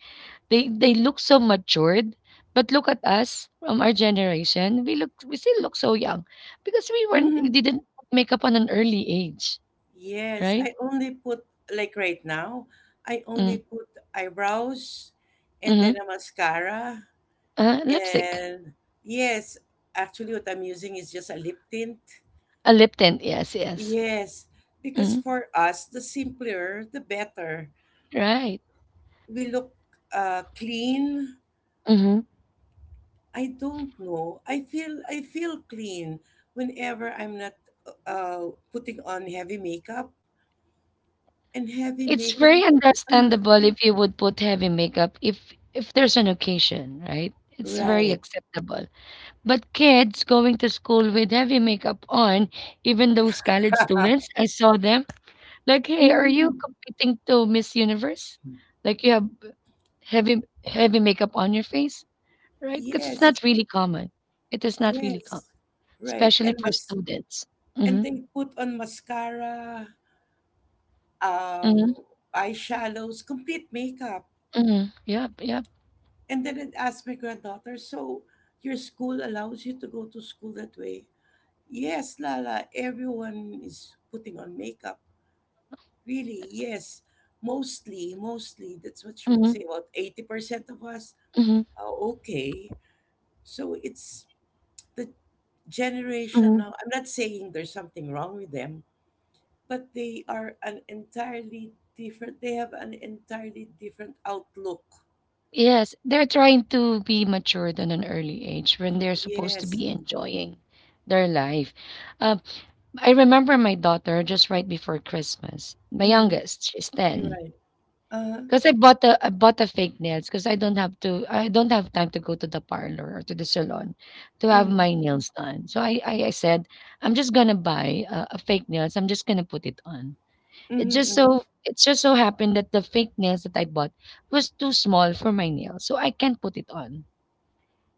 Speaker 1: they look so matured, but look at us from our generation. We still look so young because we
Speaker 2: Mhm.
Speaker 1: didn't put makeup on an early age,
Speaker 2: Yes.
Speaker 1: right?
Speaker 2: I only put, like right now, I only
Speaker 1: Mm,
Speaker 2: put eyebrows and
Speaker 1: mm-hmm.
Speaker 2: then a mascara.
Speaker 1: Lipstick,
Speaker 2: And yes, actually, what I'm using is just a lip tint.
Speaker 1: a lip tint. Yes, yes.
Speaker 2: Yes. Because
Speaker 1: Mm,
Speaker 2: for us, the simpler, the better.
Speaker 1: right.
Speaker 2: We look clean.
Speaker 1: Hmm.
Speaker 2: I don't know. I feel clean whenever I'm not putting on heavy makeup and heavy
Speaker 1: It's
Speaker 2: makeup.
Speaker 1: very
Speaker 2: Ah,
Speaker 1: understandable if you would put heavy makeup if there's an occasion, right? It's very
Speaker 2: right.
Speaker 1: acceptable. But kids going to school with heavy makeup on, even those college students, I saw them like, "Hey, are you
Speaker 2: Mm,
Speaker 1: competing to Miss Universe? Like you have heavy heavy makeup on your face, right?" Because it's
Speaker 2: yes.
Speaker 1: not really common. It is not really common,
Speaker 2: Yes. Right.
Speaker 1: especially for students.
Speaker 2: And
Speaker 1: Mm-hmm.
Speaker 2: they put on mascara, uh
Speaker 1: Mm-hmm.
Speaker 2: eyeshadows, complete makeup.
Speaker 1: Mm-hmm. Yep. Yep.
Speaker 2: And then it asked my granddaughter, so your school allows you to go to school that way? Yes, Lala, everyone is putting on makeup. Really, yes. Mostly, mostly. That's what you would
Speaker 1: Mm-hmm.
Speaker 2: say. About 80% of us
Speaker 1: Mm-hmm.
Speaker 2: are okay. So it's the generation
Speaker 1: Mm-hmm.
Speaker 2: now. I'm not saying there's something wrong with them, but they are an entirely different, they have an entirely different outlook.
Speaker 1: Yes, they're trying to be matured at an early age when they're supposed to
Speaker 2: Yes.
Speaker 1: be enjoying their life. Uh, I remember my daughter just right before Christmas, my
Speaker 2: Mm-hmm.
Speaker 1: youngest, she's
Speaker 2: You're
Speaker 1: 10.
Speaker 2: right. Uh-huh.
Speaker 1: Because I bought a fake nails because I don't have time to go to the parlor or to the salon to have
Speaker 2: Mm-hmm.
Speaker 1: my nails done. So I said I'm just gonna buy a fake nails. I'm just gonna put it on.
Speaker 2: Mm-hmm.
Speaker 1: It just so happened that the fake nails that I bought was too small for my nail, so I can't put it on.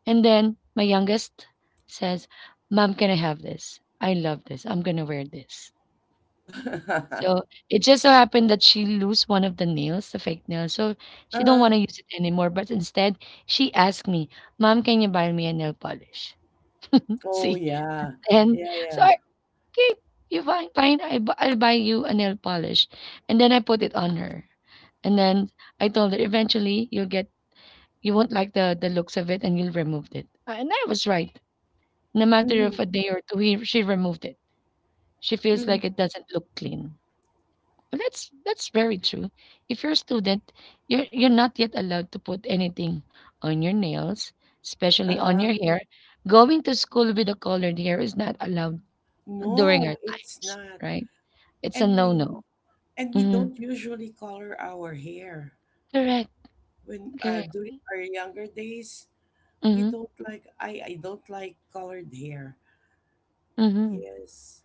Speaker 1: And then my youngest says, "Mom, can I have this? I love this. I'm gonna wear this." So it just so happened that she lose one of the nails, the fake nail, so she don't
Speaker 2: uh,
Speaker 1: want to use it anymore. But instead, she asked me, "Mom, can you buy me a nail polish?"
Speaker 2: oh,
Speaker 1: See,
Speaker 2: yeah.
Speaker 1: and
Speaker 2: Yeah,
Speaker 1: so
Speaker 2: yeah.
Speaker 1: I okay, you fine, fine. I'll buy you a nail polish, and then I put it on her. And then I told her, eventually you won't like the looks of it and you'll remove it. And I was right. In a matter of
Speaker 2: Mm-hmm.
Speaker 1: a day or two, she removed it. She feels like
Speaker 2: Mm-hmm.
Speaker 1: it doesn't look clean. But that's very true. If you're a student, you're not yet allowed to put anything on your nails, especially on
Speaker 2: Uh,
Speaker 1: your hair. Going to school with a colored hair is not allowed during
Speaker 2: no,
Speaker 1: our
Speaker 2: it's
Speaker 1: times,
Speaker 2: not.
Speaker 1: right? It's a
Speaker 2: And
Speaker 1: no-no.
Speaker 2: we
Speaker 1: Mm-hmm.
Speaker 2: don't usually color our hair.
Speaker 1: Correct.
Speaker 2: When
Speaker 1: Correct.
Speaker 2: during our younger days, we
Speaker 1: Mm-hmm.
Speaker 2: don't like I don't like colored hair.
Speaker 1: Mm-hmm.
Speaker 2: Yes.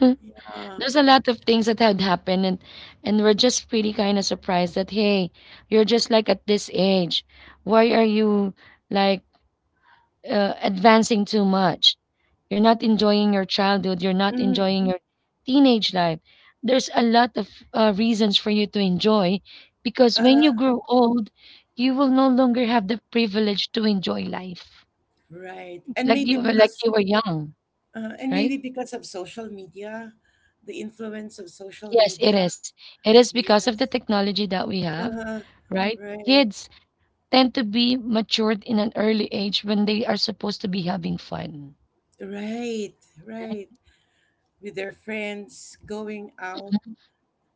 Speaker 2: Yeah.
Speaker 1: There's a lot of things that had happened, and we're just pretty kind of surprised that, hey, you're just like at this age, why are you like advancing too much? You're not enjoying your childhood, you're not
Speaker 2: Mhm.
Speaker 1: enjoying your teenage life. There's a lot of reasons for you to enjoy, because when you grow old you will no longer have the privilege to enjoy life
Speaker 2: Right.
Speaker 1: like you were, like you were young,
Speaker 2: And maybe
Speaker 1: right?
Speaker 2: because of social media, the influence of social
Speaker 1: Yes, it
Speaker 2: media.
Speaker 1: is. It is because of the
Speaker 2: Yes.
Speaker 1: technology that we have,
Speaker 2: uh
Speaker 1: right?
Speaker 2: right.
Speaker 1: Kids tend to be matured in an early age when they are supposed to be having fun.
Speaker 2: Right. Right. With their friends going out.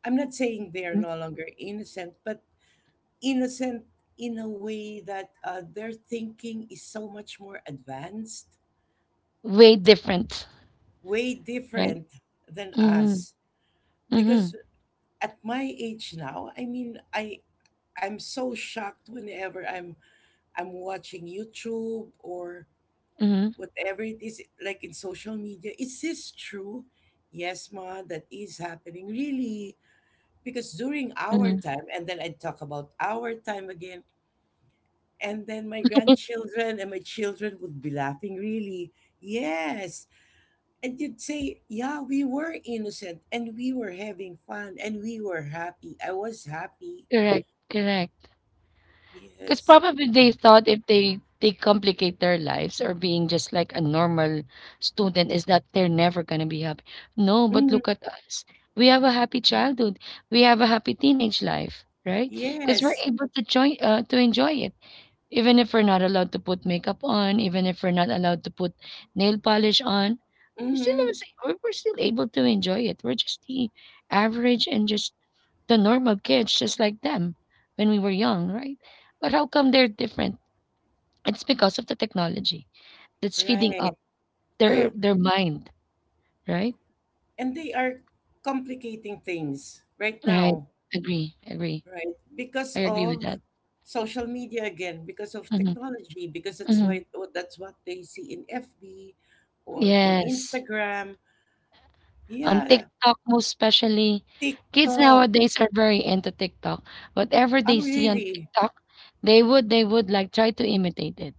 Speaker 2: I'm not saying they are
Speaker 1: Mm,
Speaker 2: no longer innocent, but innocent in a way that their thinking is so much more advanced,
Speaker 1: way different,
Speaker 2: way
Speaker 1: right?
Speaker 2: different than
Speaker 1: Mm-hmm.
Speaker 2: us.
Speaker 1: Mm-hmm.
Speaker 2: Because at my age now, I mean, I'm so shocked whenever I'm watching YouTube or
Speaker 1: Mm-hmm.
Speaker 2: whatever it is, like in social media. Is this true? Yes, ma, that is happening. Really? Because during our
Speaker 1: Mm-hmm.
Speaker 2: time, and then I talk about our time again, and then my grandchildren and my children would be laughing, really. Yes. And you'd say, yeah, we were innocent and we were having fun and we were happy. I was happy.
Speaker 1: Correct. Correct. Because
Speaker 2: Yes.
Speaker 1: probably they thought if they complicate their lives or being just like a normal student is that they're never gonna be happy. No, but
Speaker 2: Mhm.
Speaker 1: look at us. We have a happy childhood. We have a happy teenage life, right? Because we're
Speaker 2: Yes.
Speaker 1: able to enjoy it, even if we're not allowed to put makeup on, even if we're not allowed to put nail polish on. We still have,
Speaker 2: Hmm.
Speaker 1: we're still able to enjoy it. We're just the average and just the normal kids just like them when we were young, right? But how come they're different? It's because of the technology that's feeding
Speaker 2: Right.
Speaker 1: up
Speaker 2: Uh,
Speaker 1: their mind, right?
Speaker 2: and they are complicating things right
Speaker 1: Right.
Speaker 2: now.
Speaker 1: Agree. Agree.
Speaker 2: Right. Because
Speaker 1: I agree with
Speaker 2: of
Speaker 1: that.
Speaker 2: social media again, because of
Speaker 1: hmm
Speaker 2: technology, because that's
Speaker 1: hmm
Speaker 2: why that's what they see in FB or in
Speaker 1: Yes.
Speaker 2: Instagram.
Speaker 1: On
Speaker 2: Yeah,
Speaker 1: TikTok, most especially, kids
Speaker 2: TikTok.
Speaker 1: nowadays are very into TikTok. Whatever
Speaker 2: Oh
Speaker 1: they see on
Speaker 2: really?
Speaker 1: TikTok, they would like try to imitate it.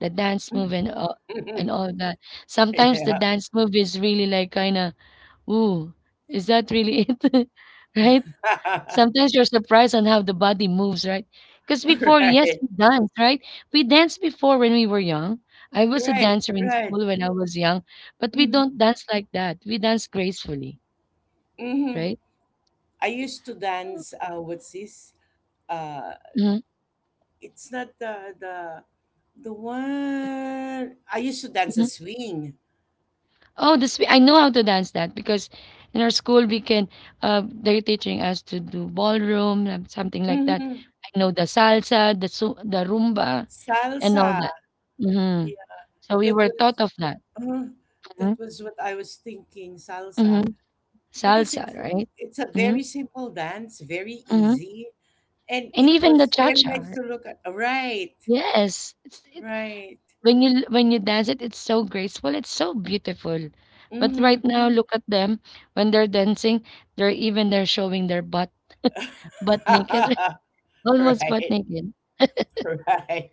Speaker 1: The dance move and all that. Sometimes the
Speaker 2: yeah.
Speaker 1: dance move is really like kind of ooh, is that really it? Right? Sometimes you're surprised on how the body moves, right? Because before, yes,
Speaker 2: right.
Speaker 1: we dance, right? We danced before when we were young. I was a
Speaker 2: Right.
Speaker 1: dancer in
Speaker 2: Right.
Speaker 1: school when I was young, but we don't
Speaker 2: Mm-hmm.
Speaker 1: dance like that. We dance gracefully,
Speaker 2: Mm-hmm.
Speaker 1: right?
Speaker 2: I used to dance what's this? Uh
Speaker 1: Mhm,
Speaker 2: it's not the one I used to dance a
Speaker 1: mhm.
Speaker 2: swing.
Speaker 1: Oh, this I know how to dance that because in our school we can they're teaching us to do ballroom something like that.
Speaker 2: Mm-hmm.
Speaker 1: I know the salsa, the rumba, and
Speaker 2: Salsa.
Speaker 1: all that. Mhm. So we
Speaker 2: That
Speaker 1: were taught
Speaker 2: was
Speaker 1: of that.
Speaker 2: uh,
Speaker 1: Mhm,
Speaker 2: that was what I was thinking, salsa,
Speaker 1: mhm.
Speaker 2: because
Speaker 1: Salsa,
Speaker 2: it's
Speaker 1: right?
Speaker 2: it's a very
Speaker 1: Mhm,
Speaker 2: simple dance, very
Speaker 1: mhm.
Speaker 2: easy, and
Speaker 1: And
Speaker 2: it
Speaker 1: even the
Speaker 2: was very nice
Speaker 1: cha-cha.
Speaker 2: to look at. Right,
Speaker 1: Yes. It's it
Speaker 2: right,
Speaker 1: When you dance it, it's so graceful, it's so beautiful. But
Speaker 2: hmm.
Speaker 1: right now, look at them when they're dancing, they're even they're showing their butt, butt naked, almost butt
Speaker 2: Right,
Speaker 1: naked.
Speaker 2: right.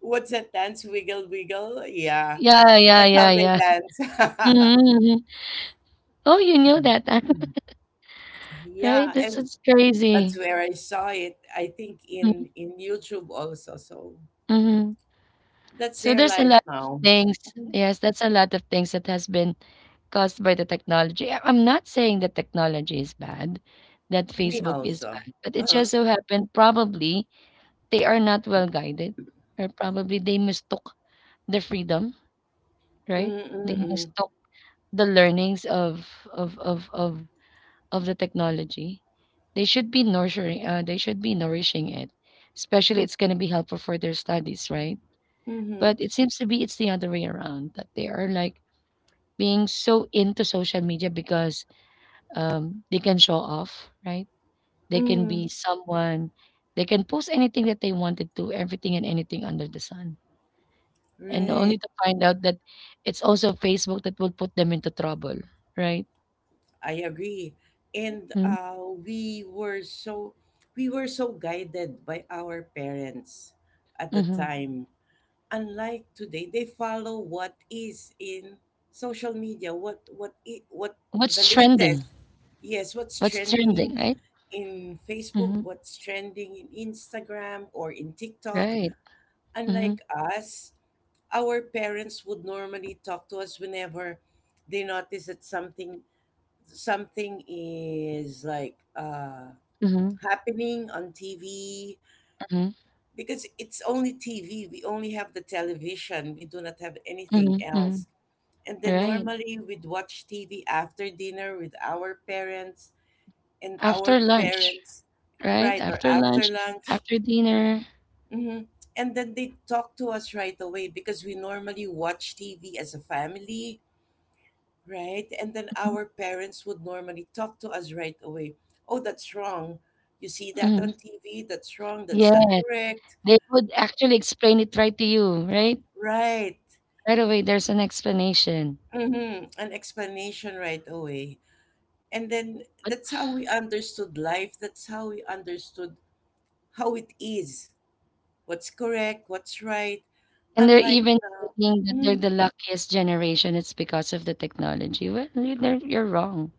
Speaker 2: What's that dance? Wiggle, wiggle. Yeah,
Speaker 1: Yeah, yeah,
Speaker 2: that's how
Speaker 1: yeah,
Speaker 2: they
Speaker 1: yeah. Mhm,
Speaker 2: dance.
Speaker 1: mhm. Oh, you knew that, right?
Speaker 2: Yeah,
Speaker 1: This
Speaker 2: and
Speaker 1: is
Speaker 2: that's
Speaker 1: crazy.
Speaker 2: where I saw it. I think
Speaker 1: Mhm,
Speaker 2: in YouTube also. So
Speaker 1: mhm.
Speaker 2: that's
Speaker 1: So
Speaker 2: their
Speaker 1: there's a
Speaker 2: life
Speaker 1: lot of
Speaker 2: now.
Speaker 1: things. Yes, that's a lot of things that has been caused by the technology. I'm not saying that technology is bad, that
Speaker 2: Me
Speaker 1: Facebook is
Speaker 2: also.
Speaker 1: bad, but it
Speaker 2: Uh-huh.
Speaker 1: just so happened probably they are not well guided, or probably they mistook the freedom, right? They
Speaker 2: Mm-mm-mm.
Speaker 1: mistook the learnings of of of of the technology. They should be nurturing. They should be nourishing it, especially it's gonna be helpful for their studies, right?
Speaker 2: Mm-hmm.
Speaker 1: But it seems to be it's the other way around, that they are like being so into social media because they can show off, right? They can
Speaker 2: Mm,
Speaker 1: be someone, they can post anything that they wanted to, everything and anything under the sun. And only
Speaker 2: right.
Speaker 1: to find out that it's also Facebook that will put them into trouble, right?
Speaker 2: I agree. And
Speaker 1: Hmm,
Speaker 2: uh, we were so we were so guided by our parents at the
Speaker 1: mm-hmm.
Speaker 2: time. Unlike today, they follow what is in social media, what the
Speaker 1: What's trending?
Speaker 2: latest. Yes, what's
Speaker 1: What's
Speaker 2: trending
Speaker 1: trending, right?
Speaker 2: in Facebook,
Speaker 1: Mm-hmm.
Speaker 2: what's trending in Instagram or in TikTok.
Speaker 1: Right. Mm-hmm.
Speaker 2: Unlike us, our parents would normally talk to us whenever they notice that something is like
Speaker 1: Mm-hmm.
Speaker 2: happening on TV,
Speaker 1: Mm-hmm.
Speaker 2: because it's only TV, we only have the television, we do not have anything
Speaker 1: Mm-hmm. mm-hmm,
Speaker 2: else. And then
Speaker 1: right.
Speaker 2: normally we'd watch TV after dinner with our parents and
Speaker 1: After
Speaker 2: our
Speaker 1: lunch.
Speaker 2: parents,
Speaker 1: Right?
Speaker 2: right, or
Speaker 1: After
Speaker 2: after
Speaker 1: lunch,
Speaker 2: lunch.
Speaker 1: after dinner.
Speaker 2: Hmm. And then they talk to us right away, because we normally watch TV as a family. Right? And then
Speaker 1: Mhm,
Speaker 2: our parents would normally talk to us right away. Oh, that's wrong. You see that
Speaker 1: mhm.
Speaker 2: on TV? That's wrong. That's not
Speaker 1: Yes.
Speaker 2: correct.
Speaker 1: They would actually explain it right to you, right?
Speaker 2: Right.
Speaker 1: Right away, there's an explanation.
Speaker 2: Mm-hmm. An explanation right away. And then
Speaker 1: But,
Speaker 2: that's how we understood life. That's how we understood how it is, what's correct, what's right.
Speaker 1: and they're
Speaker 2: Unlike
Speaker 1: even saying that
Speaker 2: now.
Speaker 1: they're
Speaker 2: Mhm.
Speaker 1: the luckiest generation. It's because of the technology. Well, you're wrong.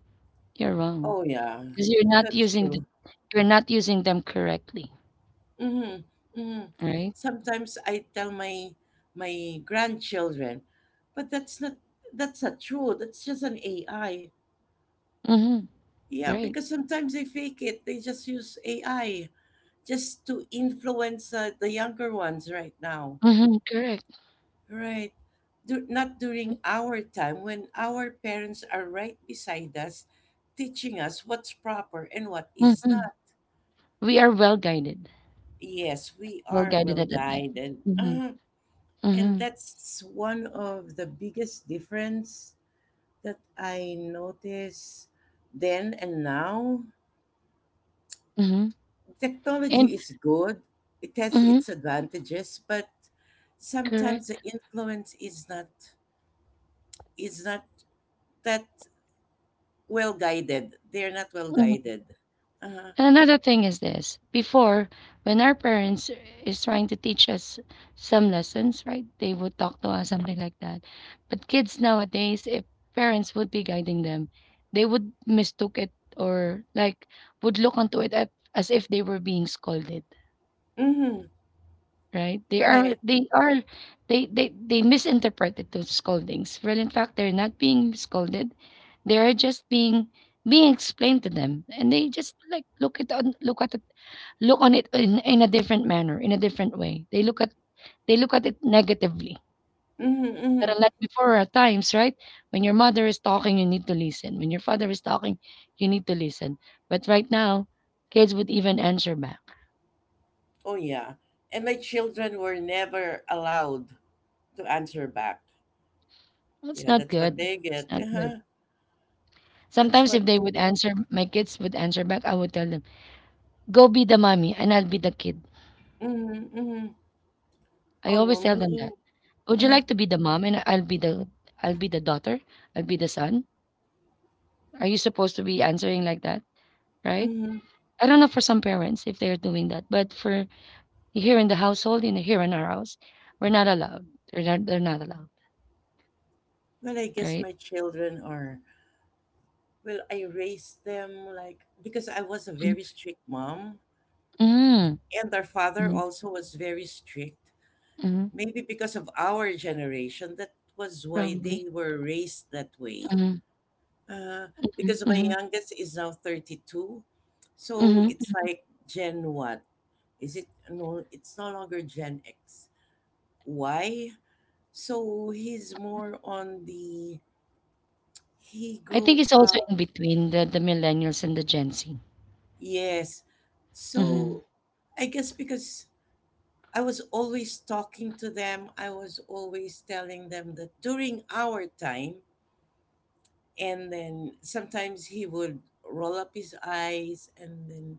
Speaker 1: You're wrong
Speaker 2: Oh, yeah.
Speaker 1: because you're not
Speaker 2: That's
Speaker 1: using
Speaker 2: true.
Speaker 1: you're not using them correctly,
Speaker 2: Mm-hmm. Mm-hmm.
Speaker 1: right?
Speaker 2: Sometimes I tell my my grandchildren, but that's not true. That's just an AI.
Speaker 1: Mm-hmm.
Speaker 2: Yeah,
Speaker 1: Right.
Speaker 2: because sometimes they fake it. They just use AI just to influence the younger ones right now.
Speaker 1: Mm-hmm. Correct.
Speaker 2: Right. Du- not during our time, when our parents are right beside us teaching us what's proper and what is
Speaker 1: Mm-hmm.
Speaker 2: not.
Speaker 1: We are well guided.
Speaker 2: Yes, we
Speaker 1: Well
Speaker 2: are
Speaker 1: guided
Speaker 2: well
Speaker 1: at that time.
Speaker 2: guided.
Speaker 1: Mm-hmm.
Speaker 2: And
Speaker 1: Mm-hmm.
Speaker 2: that's one of the biggest difference that I notice then and now.
Speaker 1: Mm-hmm. And
Speaker 2: Technology is good. It has
Speaker 1: mm-hmm.
Speaker 2: its advantages, but sometimes the
Speaker 1: Correct.
Speaker 2: influence is not, is not that well guided. They're not well
Speaker 1: Mm-hmm.
Speaker 2: guided. Uh-huh.
Speaker 1: And another thing is this before, when our parents is trying to teach us some lessons, right? They would talk to us, something like that. But kids nowadays, if parents would be guiding them, they would mistook it, or like would look onto it at, as if they were being scolded,
Speaker 2: Mm-hmm.
Speaker 1: right? They are,
Speaker 2: Right.
Speaker 1: they are, they misinterpreted those scoldings. Well, in fact, they're not being scolded. They're just being explained to them, and they just like look on it in a different manner, in a different way. They look at it negatively.
Speaker 2: Mm-hmm, mm-hmm.
Speaker 1: Not unlike before at times, right? When your mother is talking, you need to listen. When your father is talking, you need to listen. But right now, kids would even answer back.
Speaker 2: Oh yeah. And my children were never allowed to answer back.
Speaker 1: It's
Speaker 2: Yeah,
Speaker 1: not
Speaker 2: that's what
Speaker 1: good.
Speaker 2: they
Speaker 1: It's
Speaker 2: get.
Speaker 1: not good.
Speaker 2: Uh-huh. That's
Speaker 1: Sometimes if
Speaker 2: what they
Speaker 1: they would
Speaker 2: get.
Speaker 1: answer, my kids would answer back, I would tell them, go be the mommy and I'll be the kid.
Speaker 2: Mhm, mhm.
Speaker 1: I
Speaker 2: Oh,
Speaker 1: always
Speaker 2: no,
Speaker 1: tell
Speaker 2: me,
Speaker 1: them that. Would you
Speaker 2: uh,
Speaker 1: like to be the mom and I'll be the daughter? I'll be the son? Are you supposed to be answering like that? Right?
Speaker 2: mhm.
Speaker 1: I don't know for some parents if they're doing that, but for here in the household, in here in our house, we're not allowed. They're not allowed,
Speaker 2: Well, I guess
Speaker 1: right?
Speaker 2: my children are, well, I raised them like, because I was a very strict mom,
Speaker 1: Mm.
Speaker 2: and our father
Speaker 1: Mm.
Speaker 2: also was very strict.
Speaker 1: Mm.
Speaker 2: Maybe because of our generation, that was why they
Speaker 1: Probably.
Speaker 2: were raised that way.
Speaker 1: Mm.
Speaker 2: Uh, because my
Speaker 1: Mm.
Speaker 2: youngest is now 32, so
Speaker 1: Mm.
Speaker 2: it's like Gen what? Is it, no, it's no longer Gen X. Why? So he's more on the He
Speaker 1: I think
Speaker 2: grew
Speaker 1: it's also in
Speaker 2: up,
Speaker 1: between the millennials and the Gen Z.
Speaker 2: yes.
Speaker 1: Mm-hmm.
Speaker 2: So I guess because I was always talking to them, I was always telling them that during our time, and then sometimes he would roll up his eyes and then,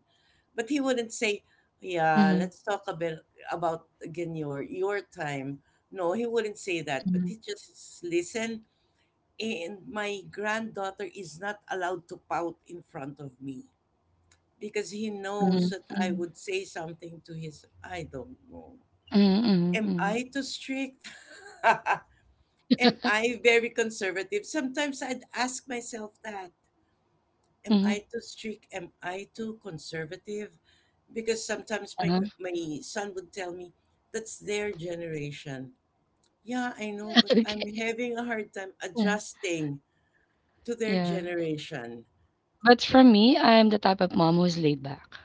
Speaker 2: but he wouldn't say, yeah,
Speaker 1: Mm-hmm.
Speaker 2: let's talk a bit about again your time. No, he wouldn't say that, but
Speaker 1: Mm-hmm.
Speaker 2: he just listen. And my granddaughter is not allowed to pout in front of me because he knows that
Speaker 1: Mm-hmm.
Speaker 2: I would say something to his I don't know. Am
Speaker 1: Mm-hmm.
Speaker 2: I too strict? Am I very conservative? Sometimes I'd ask myself that. Am
Speaker 1: Mm-hmm.
Speaker 2: I too strict? Am I too conservative? Because sometimes my
Speaker 1: Uh-huh.
Speaker 2: gr- my son would tell me, "That's their generation." Yeah, I know, but I'm
Speaker 1: Okay.
Speaker 2: having a hard time
Speaker 1: Yeah.
Speaker 2: adjusting to their
Speaker 1: Yeah.
Speaker 2: generation.
Speaker 1: But for me, I am the type of mom who's laid back.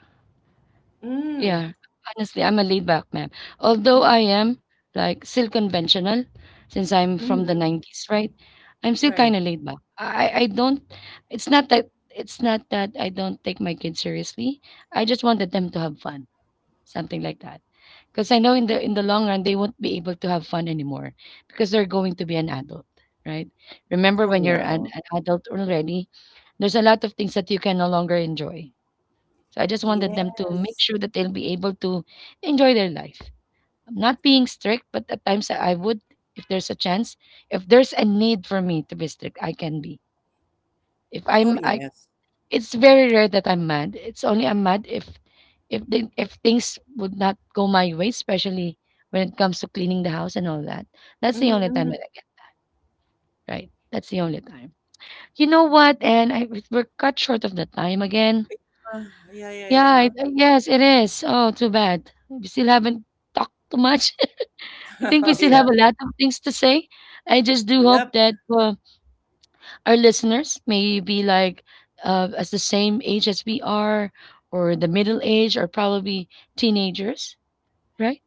Speaker 2: Mm,
Speaker 1: Yeah, honestly, I'm a laid back man. Although
Speaker 2: mm,
Speaker 1: I am like still conventional since I'm from the
Speaker 2: mm,
Speaker 1: 90s, right? I'm still
Speaker 2: right.
Speaker 1: kind of laid back. I don't, it's not that it's not that I don't take my kids seriously. I just wanted them to have fun, something like that. Because I know in the long run they won't be able to have fun anymore because they're going to be an adult, right? Remember
Speaker 2: Oh
Speaker 1: when you're
Speaker 2: yeah.
Speaker 1: an adult already, there's a lot of things that you can no longer enjoy, so I just wanted them to make
Speaker 2: Yes.
Speaker 1: sure that they'll be able to enjoy their life. I'm not being strict, but at times I would, if there's a chance, if there's a need for me to be strict, I can be. If
Speaker 2: Oh,
Speaker 1: I'm, I
Speaker 2: yes.
Speaker 1: It's very rare that I'm mad. It's only I'm mad if, if things would not go my way, especially when it comes to cleaning the house and all that. That's the only time
Speaker 2: Mm-hmm.
Speaker 1: that I get right. That's the only time. You know what? We're cut short of the time again.
Speaker 2: Yeah, yeah,
Speaker 1: Yeah,
Speaker 2: yeah.
Speaker 1: it yes, it is. Oh, too bad. We still haven't talked too much. I
Speaker 2: Yeah.
Speaker 1: think we
Speaker 2: Oh,
Speaker 1: still
Speaker 2: yeah.
Speaker 1: have a lot of things to say. I just do hope
Speaker 2: Yep.
Speaker 1: that our listeners may be like as the same age as we are, or the middle age, or probably teenagers, right?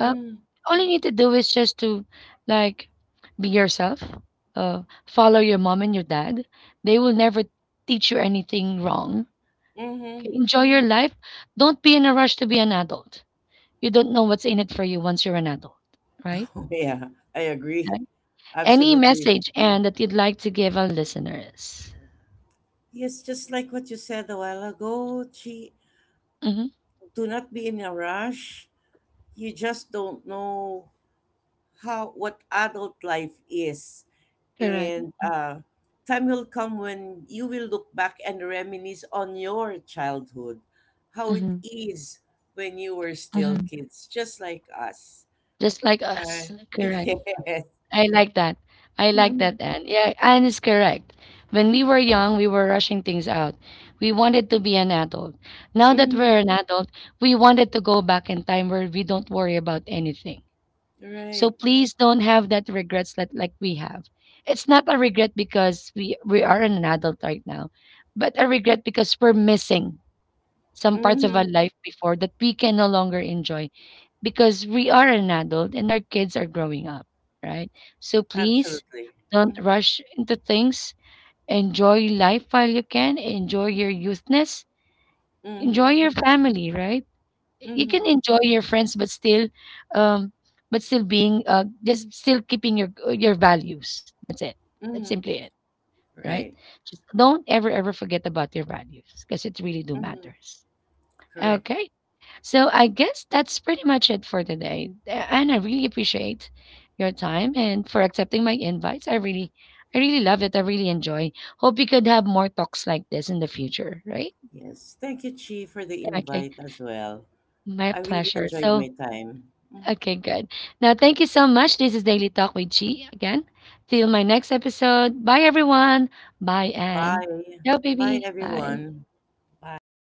Speaker 1: Uh, all you need to do is just to like be yourself, uh, follow your mom and your dad. They will never teach you anything wrong. Okay?
Speaker 2: Mm-hmm.
Speaker 1: Enjoy your life. Don't be in a rush to be an adult. You don't know what's in it for you once you're an adult, right?
Speaker 2: Yeah, I agree.
Speaker 1: Right. Any
Speaker 2: Absolutely.
Speaker 1: message, Anne, that you'd like to give our listeners?
Speaker 2: Yes, just like what you said a while ago, Chi,
Speaker 1: Hmm.
Speaker 2: do not be in a rush. You just don't know how what adult life is.
Speaker 1: Correct.
Speaker 2: And time will come when you will look back and reminisce on your childhood, how it
Speaker 1: Hmm.
Speaker 2: is when you were still
Speaker 1: Hmm.
Speaker 2: kids, just like us.
Speaker 1: Just like us.
Speaker 2: Right.
Speaker 1: Correct.
Speaker 2: Yes.
Speaker 1: I like that. I like
Speaker 2: Hmm.
Speaker 1: that, Anne. Yeah, Anne is correct. When we were young, we were rushing things out. We wanted to be an adult. Now that
Speaker 2: Hmm.
Speaker 1: we're an adult, we wanted to go back in time where we don't worry about anything. So
Speaker 2: Right.
Speaker 1: please don't have that regrets that like we have. It's not a regret because we are an adult right now, but a regret because we're missing some parts of
Speaker 2: Hmm.
Speaker 1: our life before that we can no longer enjoy because we are an adult and our kids are growing up, right? So please
Speaker 2: Absolutely.
Speaker 1: don't
Speaker 2: Hmm.
Speaker 1: rush into things. Enjoy life while you can. Enjoy your youthness. Enjoy
Speaker 2: Hmm.
Speaker 1: your family, right? You can enjoy your friends, um but still being just still keeping your values, that's it, that's
Speaker 2: Hmm.
Speaker 1: simply it, right,
Speaker 2: Right.
Speaker 1: just don't ever forget about your values because it really do
Speaker 2: Hmm.
Speaker 1: matters,
Speaker 2: Correct.
Speaker 1: okay, so I guess that's pretty much it for today. And I really appreciate your time and for accepting my invites, I really love it, I really enjoy, hope we could have more talks like this in the future, right?
Speaker 2: Yes. Thank you, Chi, for the
Speaker 1: Okay,
Speaker 2: invite as well.
Speaker 1: my
Speaker 2: I really
Speaker 1: pleasure,
Speaker 2: enjoyed
Speaker 1: so
Speaker 2: my time. Mhm.
Speaker 1: Okay, good. Now, thank you so much. This is Daily Talk with G again. Till my next episode. Bye, everyone. Bye, and
Speaker 2: Bye.
Speaker 1: ciao,
Speaker 2: Bye,
Speaker 1: baby. Bye.
Speaker 2: everyone. Bye.